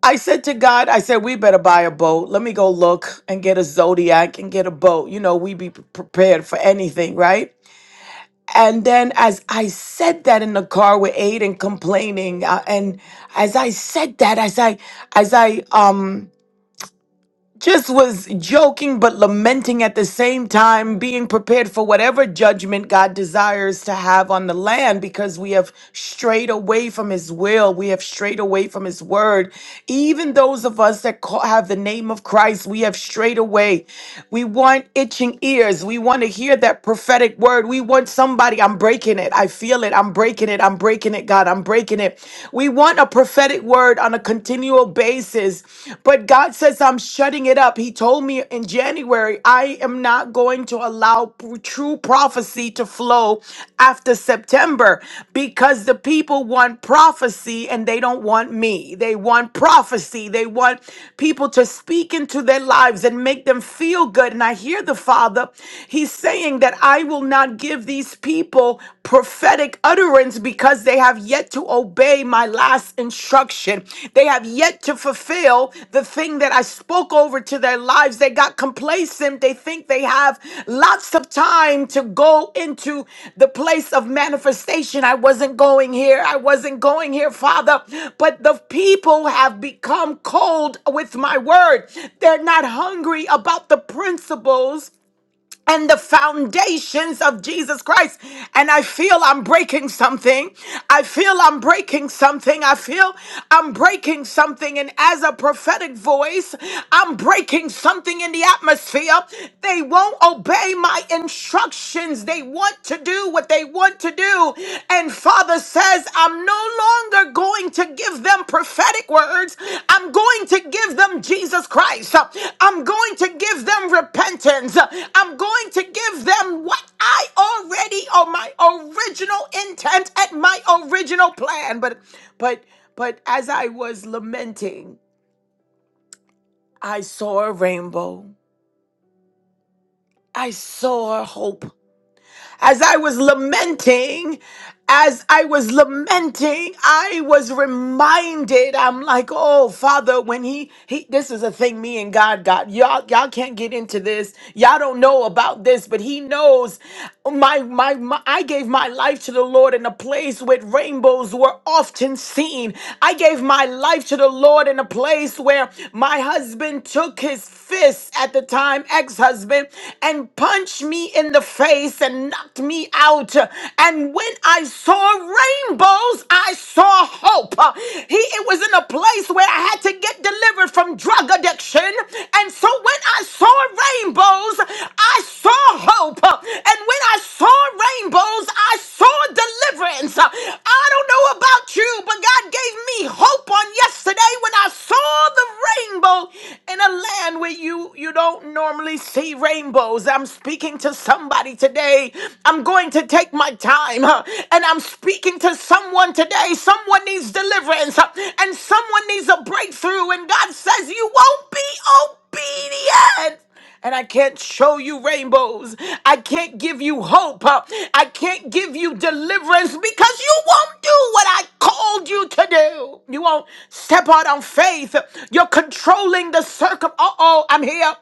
Speaker 2: I said to God, I said, we better buy a boat. Let me go look and get a Zodiac and get a boat. You know, we be prepared for anything, right? And then as I said that in the car with Aiden complaining, uh, and as I said that, as I, as I, um, just was joking but lamenting at the same time, being prepared for whatever judgment God desires to have on the land because we have strayed away from His will. We have strayed away from His word. Even those of us that call, have the name of Christ, we have strayed away. We want itching ears. We want to hear that prophetic word. We want somebody, I'm breaking it. I feel it. I'm breaking it. I'm breaking it, God. I'm breaking it. We want a prophetic prophetic word on a continual basis. But God says, I'm shutting it up. He told me in January, I am not going to allow p- true prophecy to flow after September because the people want prophecy and they don't want me. They want prophecy. They want people to speak into their lives and make them feel good. And I hear the Father, He's saying that I will not give these people prophetic utterance because they have yet to obey my last instruction. They have yet to fulfill the thing that I spoke over to their lives. They got complacent. They think they have lots of time to go into the place of manifestation. I wasn't going here. I wasn't going here, Father. But the people have become cold with my word. They're not hungry about the principles and the foundations of Jesus Christ. And I feel I'm breaking something. I feel I'm breaking something. I feel I'm breaking something. And as a prophetic voice, I'm breaking something in the atmosphere. They won't obey my instructions. They want to do what they want to do. And Father says, I'm no longer going to give them prophetic words. I'm going to give them Jesus Christ. I'm going to give them repentance. I'm going to give them what I already or my original intent and my original plan. But but but as I was lamenting, I saw a rainbow. I saw hope. As I was lamenting, as I was lamenting, I was reminded. I'm like, oh Father, when he he this is a thing me and God got. Y'all, y'all can't get into this. Y'all don't know about this, but he knows my my, my I gave my life to the Lord in a place where rainbows were often seen. I gave my life to the Lord in a place where my husband took his fist at the time, ex-husband, and punched me me in the face and knocked me out. And when I saw rainbows, I saw hope. He it was in a place where I had to get delivered from drug addiction. And so when I saw rainbows, I saw hope. And when I saw rainbows, I saw deliverance. I don't know about you, but God gave me hope on yesterday when I saw the rainbow in a land where you you don't normally see rainbows rainbows. I'm speaking to somebody today. I'm going to take my time huh, and I'm speaking to someone today. Someone needs deliverance huh, and someone needs a breakthrough. And God says, You won't be obedient and I can't show you rainbows. I can't give you hope. Uh, I can't give you deliverance because you won't do what I called you to do. You won't step out on faith. You're controlling the circum. Uh oh, I'm here.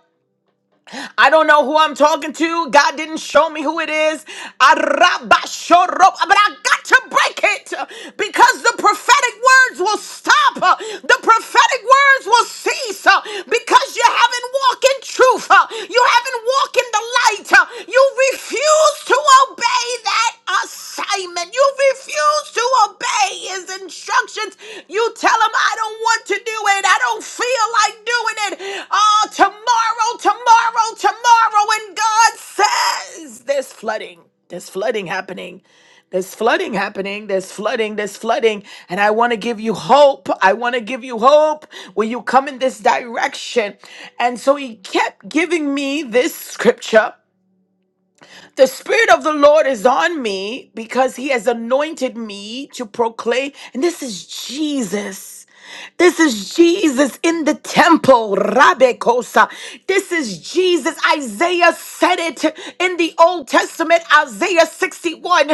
Speaker 2: I don't know who I'm talking to. God didn't show me who it is. Arabashoro- But I got to break it uh, because the prophetic words will stop. uh, The prophetic words will cease uh, because you haven't walked in truth. uh, You haven't walked in the light. uh, You refuse to obey that assignment. You refuse to obey his instructions. You tell him, I don't want to do it. I don't feel like doing it. Oh, tomorrow, tomorrow, tomorrow. And God says, There's flooding. There's flooding happening. There's flooding happening. There's flooding. There's flooding. And I want to give you hope. I want to give you hope when you come in this direction. And so he kept giving me this scripture the Spirit of the Lord is on me because He has anointed me to proclaim. And this is Jesus. This is Jesus in the temple, Rabbe Kosa. This is Jesus. Isaiah said it in the Old Testament, Isaiah 61.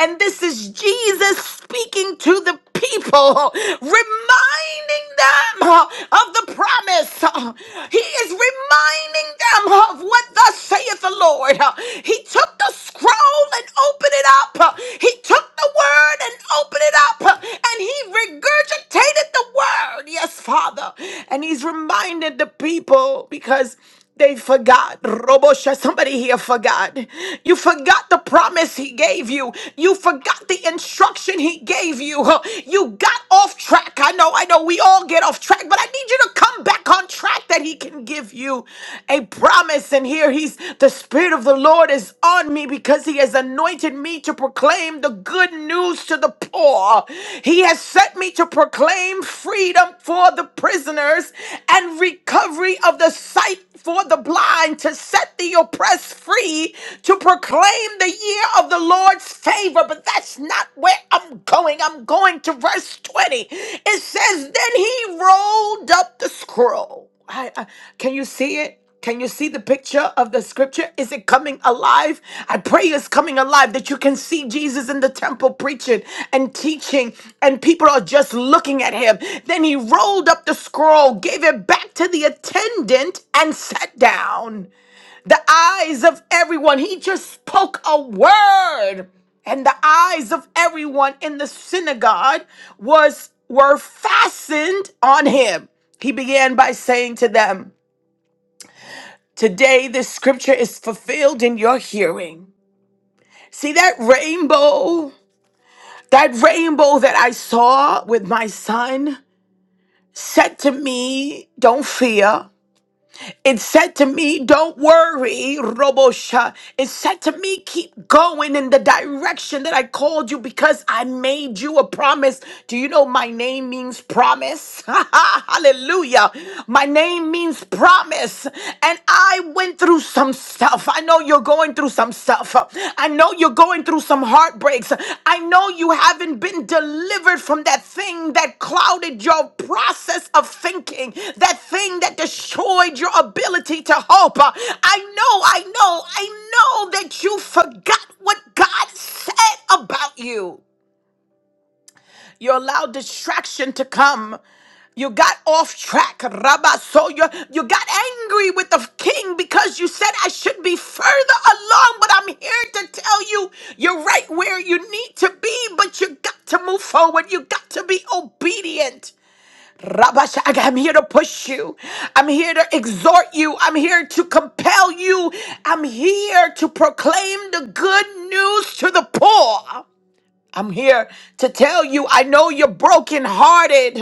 Speaker 2: And this is Jesus speaking to the people, reminding them uh, of the promise. Uh, He is reminding them huh, of what thus saith the Lord. Uh, He took the scroll and opened it up. Uh, He took the word and opened it up. Uh, And he regurgitated the word. Yes, Father. And he's reminded the people because they forgot. Robosha, somebody here forgot. You forgot the promise he gave you. You forgot the instruction he gave you. Huh. You got off track. I know, I know we all get off track, but I need you to come back on track that he can give you a promise. And here he's the Spirit of the Lord is on me because he has anointed me to proclaim the good news to the poor. He has sent me to proclaim freedom for the prisoners and recovery of the sight for the blind, to set the oppressed free, to proclaim the year of the Lord's favor. But that's not where I'm going. I'm going to verse 20. It says, Then he rolled up the scroll. I, I- can you see it? Can you see the picture of the scripture? Is it coming alive? I pray it's coming alive that you can see Jesus in the temple preaching and teaching, and people are just looking at him. Then he rolled up the scroll, gave it back to the attendant, and sat down. The eyes of everyone, he just spoke a word, and the eyes of everyone in the synagogue was were fastened on him. He began by saying to them, Today, this scripture is fulfilled in your hearing. See that rainbow? That rainbow that I saw with my son said to me, Don't fear. It said to me, Don't worry, Robosha. It said to me, Keep going in the direction that I called you because I made you a promise. Do you know my name means promise? Hallelujah. My name means promise. And I went through some stuff. I know you're going through some some stuff. I know you're going through some heartbreaks. I know you haven't been delivered from that thing that clouded your process of thinking, that thing that destroyed your ability to hope. I know, I know, I know that you forgot what God said about you. You allow distraction to come. You got off track, Rabba. So you, you got angry with the king because you said I should be further along, but I'm here to tell you you're right where you need to be, but you got to move forward. You got to be obedient. Rabba Shaga, I'm here to push you. I'm here to exhort you. I'm here to compel you. I'm here to proclaim the good news to the poor. I'm here to tell you, I know you're brokenhearted,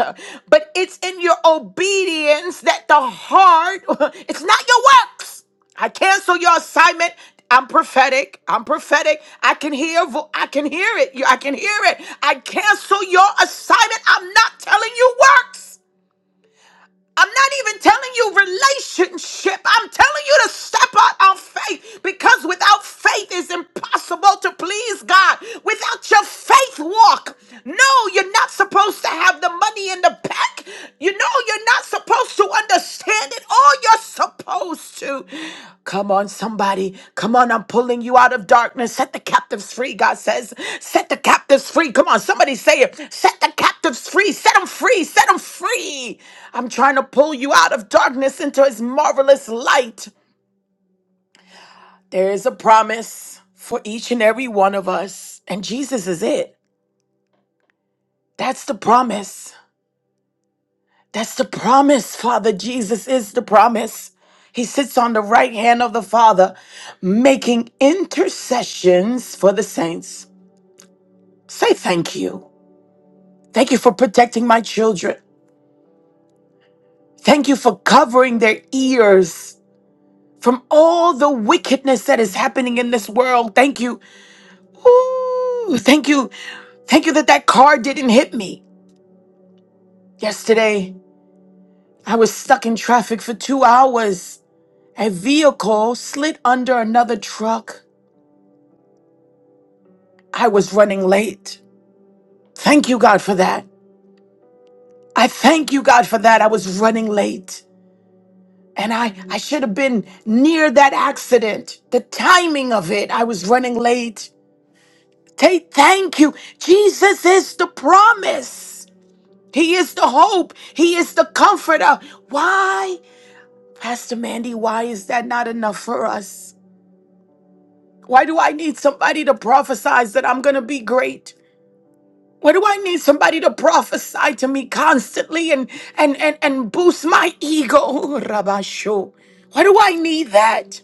Speaker 2: but it's in your obedience that the heart, it's not your works. I cancel your assignment. I'm prophetic. I'm prophetic. I can hear. Vo- I can hear it. You- I can hear it. I cancel your assignment. I'm not telling you works. I'm not even telling you relationship. I'm telling you to step out on faith because without faith it's impossible to please God. Without your faith walk, no, you're not supposed to have the money in the bank. You know, you're not supposed to understand it Oh, you're supposed to. Come on, somebody. Come on, I'm pulling you out of darkness. Set the captives free, God says. Set the captives free. Come on, somebody say it. Set the captives free. Set them free. Set them free. I'm trying to pull you out of darkness into his marvelous light. There is a promise for each and every one of us, and Jesus is it. That's the promise. That's the promise, Father. Jesus is the promise. He sits on the right hand of the Father, making intercessions for the saints. Say thank you. Thank you for protecting my children. Thank you for covering their ears from all the wickedness that is happening in this world. Thank you. Ooh, thank you. Thank you that that car didn't hit me. Yesterday, I was stuck in traffic for two hours. A vehicle slid under another truck. I was running late. Thank you, God, for that. I thank you, God, for that. I was running late. And I, I should have been near that accident. The timing of it, I was running late. Take thank you. Jesus is the promise. He is the hope. He is the comforter. Why, Pastor Mandy, why is that not enough for us? Why do I need somebody to prophesize that I'm going to be great? Why do I need somebody to prophesy to me constantly and and and, and boost my ego, Rabasho? Why do I need that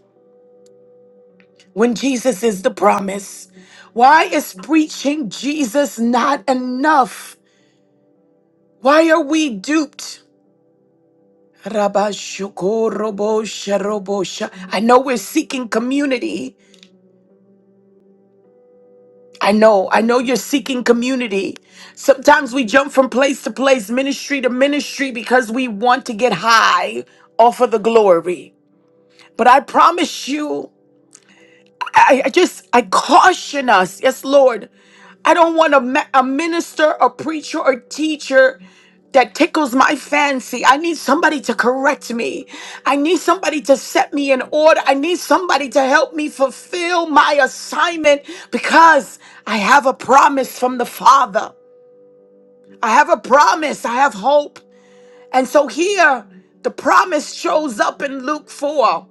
Speaker 2: when Jesus is the promise? Why is preaching Jesus not enough? Why are we duped? Rabashukorobosha, robosha. I know we're seeking community, I know, I know you're seeking community. Sometimes we jump from place to place, ministry to ministry, because we want to get high off of the glory. But I promise you, I, I just, I caution us, yes, Lord, I don't want a, ma- a minister, a preacher, or teacher that tickles my fancy. I need somebody to correct me. I need somebody to set me in order. I need somebody to help me fulfill my assignment because I have a promise from the Father. I have a promise. I have hope. And so here, the promise shows up in Luke 4.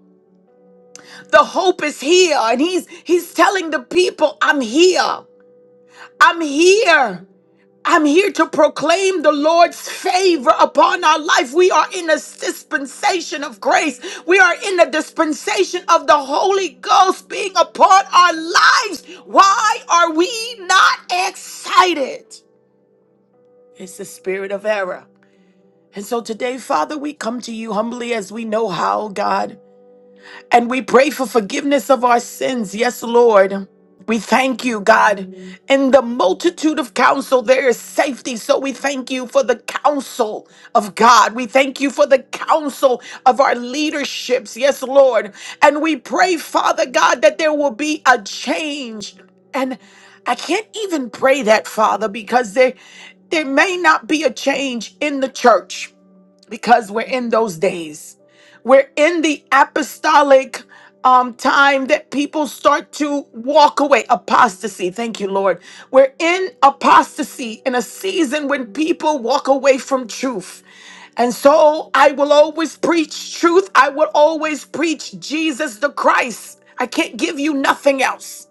Speaker 2: The hope is here. And he's he's telling the people, I'm here. I'm here. I'm here to proclaim the Lord's favor upon our life. We are in a dispensation of grace. We are in a dispensation of the Holy Ghost being upon our lives. Why are we not excited? It's the spirit of error. And so today, Father, we come to you humbly as we know how, God. And we pray for forgiveness of our sins. Yes, Lord. We thank you, God. In the multitude of counsel, there is safety. So we thank you for the counsel of God. We thank you for the counsel of our leaderships. Yes, Lord. And we pray, Father God, that there will be a change. And I can't even pray that, Father, because there, there may not be a change in the church because we're in those days. We're in the apostolic um, time that people start to walk away. Apostasy. Thank you, Lord. We're in apostasy in a season when people walk away from truth. And so I will always preach truth. I will always preach Jesus the Christ. I can't give you nothing else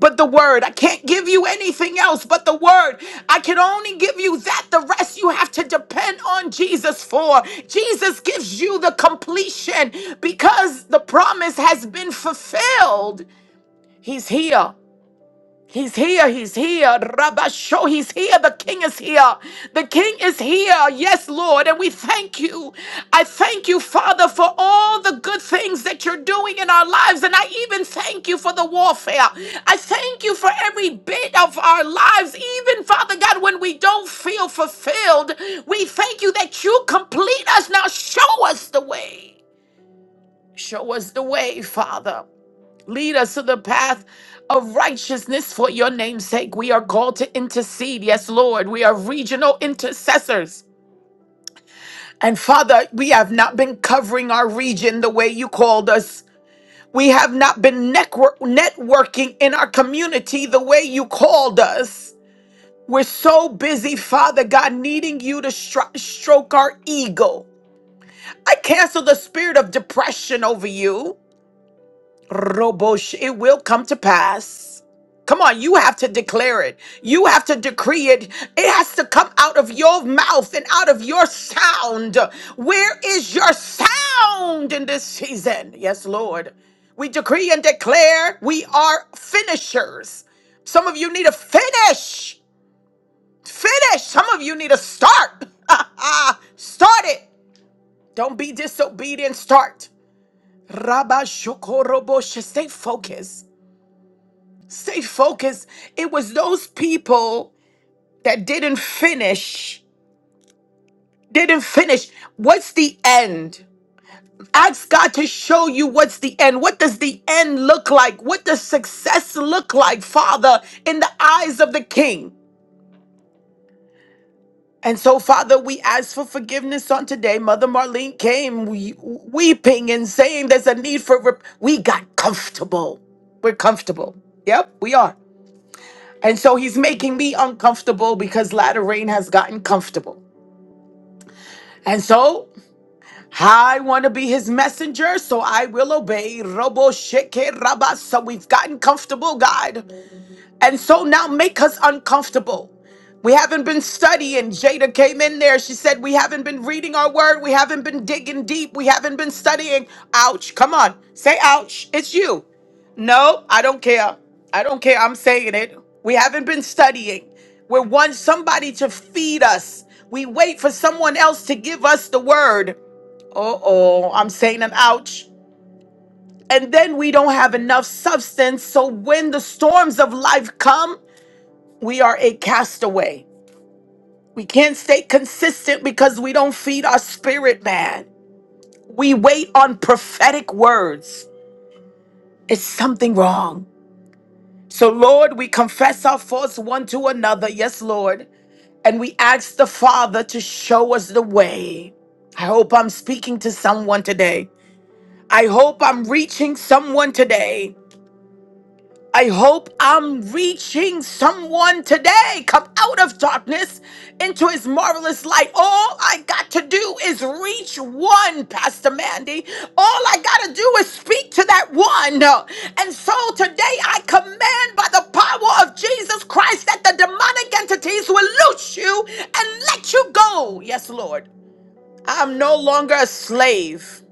Speaker 2: but the word. I can't give you anything else but the word. I can only give you that. The rest you have to depend on Jesus for. Jesus gives you the completion because the promise has been fulfilled. He's here. He's here, he's here. Rabasho, he's here. The king is here. The king is here. Yes, Lord. And we thank you. I thank you, Father, for all the good things that you're doing in our lives. And I even thank you for the warfare. I thank you for every bit of our lives, even, Father God, when we don't feel fulfilled. We thank you that you complete us. Now show us the way. Show us the way, Father. Lead us to the path of righteousness for your name's sake. We are called to intercede. Yes, Lord. We are regional intercessors. And Father, we have not been covering our region the way you called us. We have not been network- networking in our community the way you called us. We're so busy, Father God, needing you to stro- stroke our ego. I cancel the spirit of depression over you. Robosh, it will come to pass. Come on, you have to declare it. You have to decree it. It has to come out of your mouth and out of your sound. Where is your sound in this season? Yes, Lord. We decree and declare we are finishers. Some of you need a finish. Finish. Some of you need a start. start it. Don't be disobedient. Start. Rabba Shokorobo. Stay focused. Stay focused. It was those people that didn't finish. Didn't finish. What's the end? Ask God to show you what's the end. What does the end look like? What does success look like, Father, in the eyes of the King? And so, Father, we ask for forgiveness on today. Mother Marlene came we- weeping and saying there's a need for, rep- we got comfortable. We're comfortable. Yep, we are. And so he's making me uncomfortable because latter rain has gotten comfortable. And so I want to be his messenger, so I will obey. Robo sheke rabba. So we've gotten comfortable, God. And so now make us uncomfortable. We haven't been studying. Jada came in there. She said, We haven't been reading our word. We haven't been digging deep. We haven't been studying. Ouch. Come on. Say ouch. It's you. No, I don't care. I don't care. I'm saying it. We haven't been studying. We want somebody to feed us. We wait for someone else to give us the word. Uh oh, I'm saying an ouch. And then we don't have enough substance. So when the storms of life come, we are a castaway. We can't stay consistent because we don't feed our spirit man. We wait on prophetic words. It's something wrong. So, Lord, we confess our faults one to another. Yes, Lord. And we ask the Father to show us the way. I hope I'm speaking to someone today. I hope I'm reaching someone today. I hope I'm reaching someone today. Come out of darkness into his marvelous light. All I got to do is reach one, Pastor Mandy. All I got to do is speak to that one. And so today I command by the power of Jesus Christ that the demonic entities will loose you and let you go. Yes, Lord. I'm no longer a slave,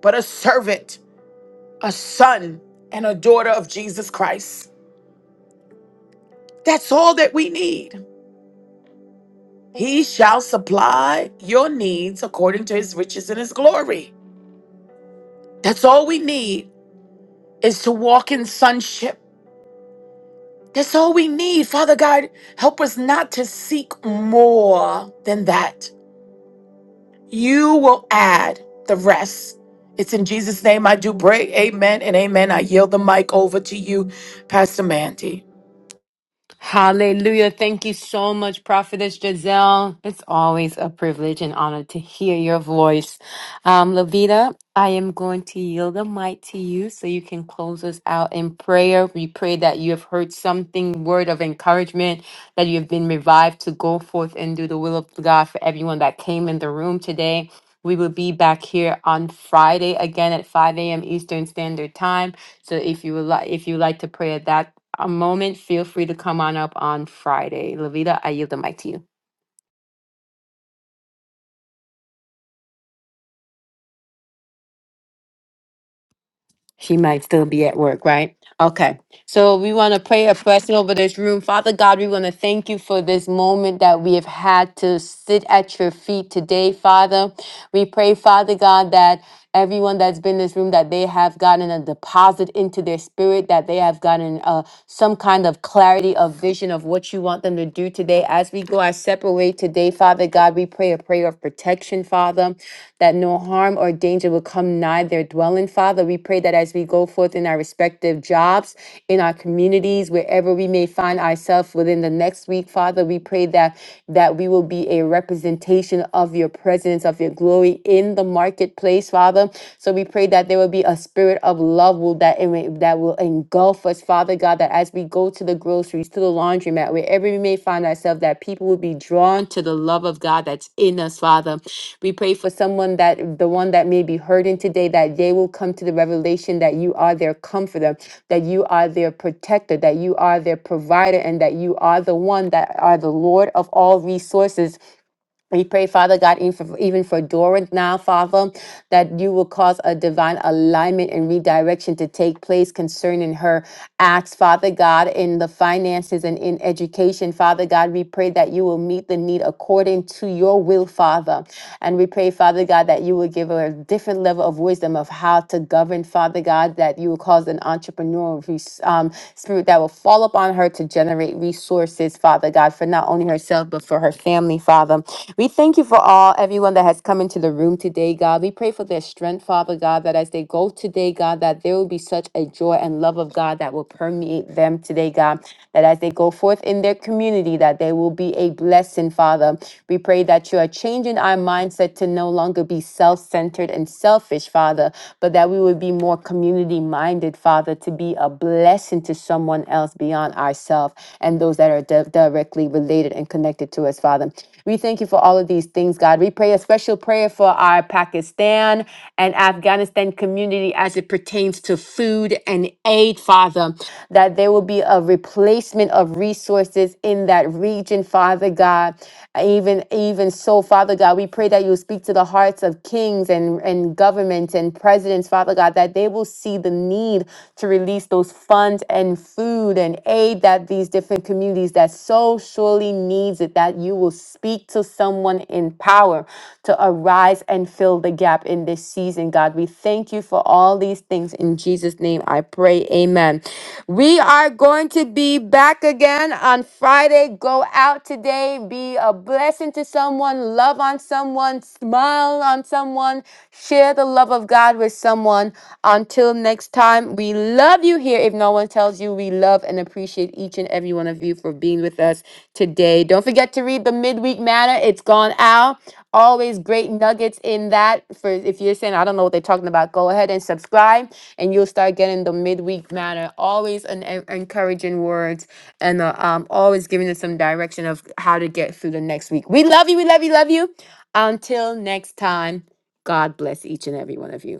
Speaker 2: but a servant, a son, and a daughter of Jesus Christ. That's all that we need. He shall supply your needs according to his riches and his glory. That's all we need is to walk in sonship. That's all we need. Father God, help us not to seek more than that. You will add the rest. It's in Jesus' name I do pray. Amen and amen. I yield the mic over to you, Pastor Mandy.
Speaker 1: Hallelujah. Thank you so much, Prophetess Giselle. It's always a privilege and honor to hear your voice. Um, Levita, I am going to yield the mic to you so you can close us out in prayer. We pray that you have heard something, word of encouragement, that you have been revived to go forth and do the will of God for everyone that came in the room today. We will be back here on Friday again at 5 a.m. Eastern Standard Time. So if you would like, if you would like to pray at that a moment, feel free to come on up on Friday. Lavita, I yield the mic to you. She might still be at work, right? Okay. So we want to pray a blessing over this room. Father God, we want to thank you for this moment that we have had to sit at your feet today, Father. We pray, Father God, that everyone that's been in this room that they have gotten a deposit into their spirit that they have gotten uh, some kind of clarity of vision of what you want them to do today as we go our separate way today father god we pray a prayer prayer of protection, Father, that no harm or danger will come nigh their dwelling, Father. We pray that as we go forth in our respective jobs, in our communities, wherever we may find ourselves within the next week, Father, we pray that that we will be a representation of your presence, of your glory in the marketplace, Father. So we pray that there will be a spirit of love will that that that will engulf us, Father God, that as we go to the groceries, to the laundromat, wherever we may find ourselves, that people will be drawn to the love of God that's in us, Father. We pray for someone that the one that may be hurting today, that they will come to the revelation that you are their comforter, that you are their protector, that you are their provider, and that you are the one that are the Lord of all resources we pray, Father God, even for, even for Dora now, Father, that you will cause a divine alignment and redirection to take place concerning her acts, Father God, in the finances and in education. Father God, we pray that you will meet the need according to your will, Father. And we pray, Father God, that you will give her a different level of wisdom of how to govern, Father God, that you will cause an entrepreneurial res- um, spirit that will fall upon her to generate resources, Father God, for not only herself herself, but for her family, Father. We thank you for all, everyone that has come into the room today, God. We pray for their strength, Father God, that as they go today, God, that there will be such a joy and love of God that will permeate them today, God. That as they go forth in their community, that they will be a blessing, Father. We pray that you are changing our mindset to no longer be self centered and selfish, Father, but that we would be more community minded, Father, to be a blessing to someone else beyond ourselves and those that are di- directly related and connected to us, Father. We thank you for all of these things, God. We pray a special prayer for our Pakistan and Afghanistan community as it pertains to food and aid, Father, that there will be a replacement of resources in that region, Father God. Even even so, Father God, we pray that you will speak to the hearts of kings and, and governments and presidents, Father God, that they will see the need to release those those funds and food and aid that these different communities that so surely needs it, that you will speak to someone in power to arise and fill the gap in this season, God. We thank you for all these things. In Jesus' name, I pray. Amen. We are going to be back again on Friday. Go out today, be a blessing to someone, love on someone, smile on someone, share the love of God. God with someone. Until next time, we love you here. If no one tells you, we love and appreciate each and every one of you for being with us today. Don't forget to read the midweek manna. It's gone out. Always great nuggets in that. For if you're saying I don't know what they're talking about, go ahead and subscribe, and you'll start getting the midweek manna. Always an en- encouraging words, and uh, um, always giving us some direction of how to get through the next week. We love you. We love you. Love you. Until next time, God bless every one of you.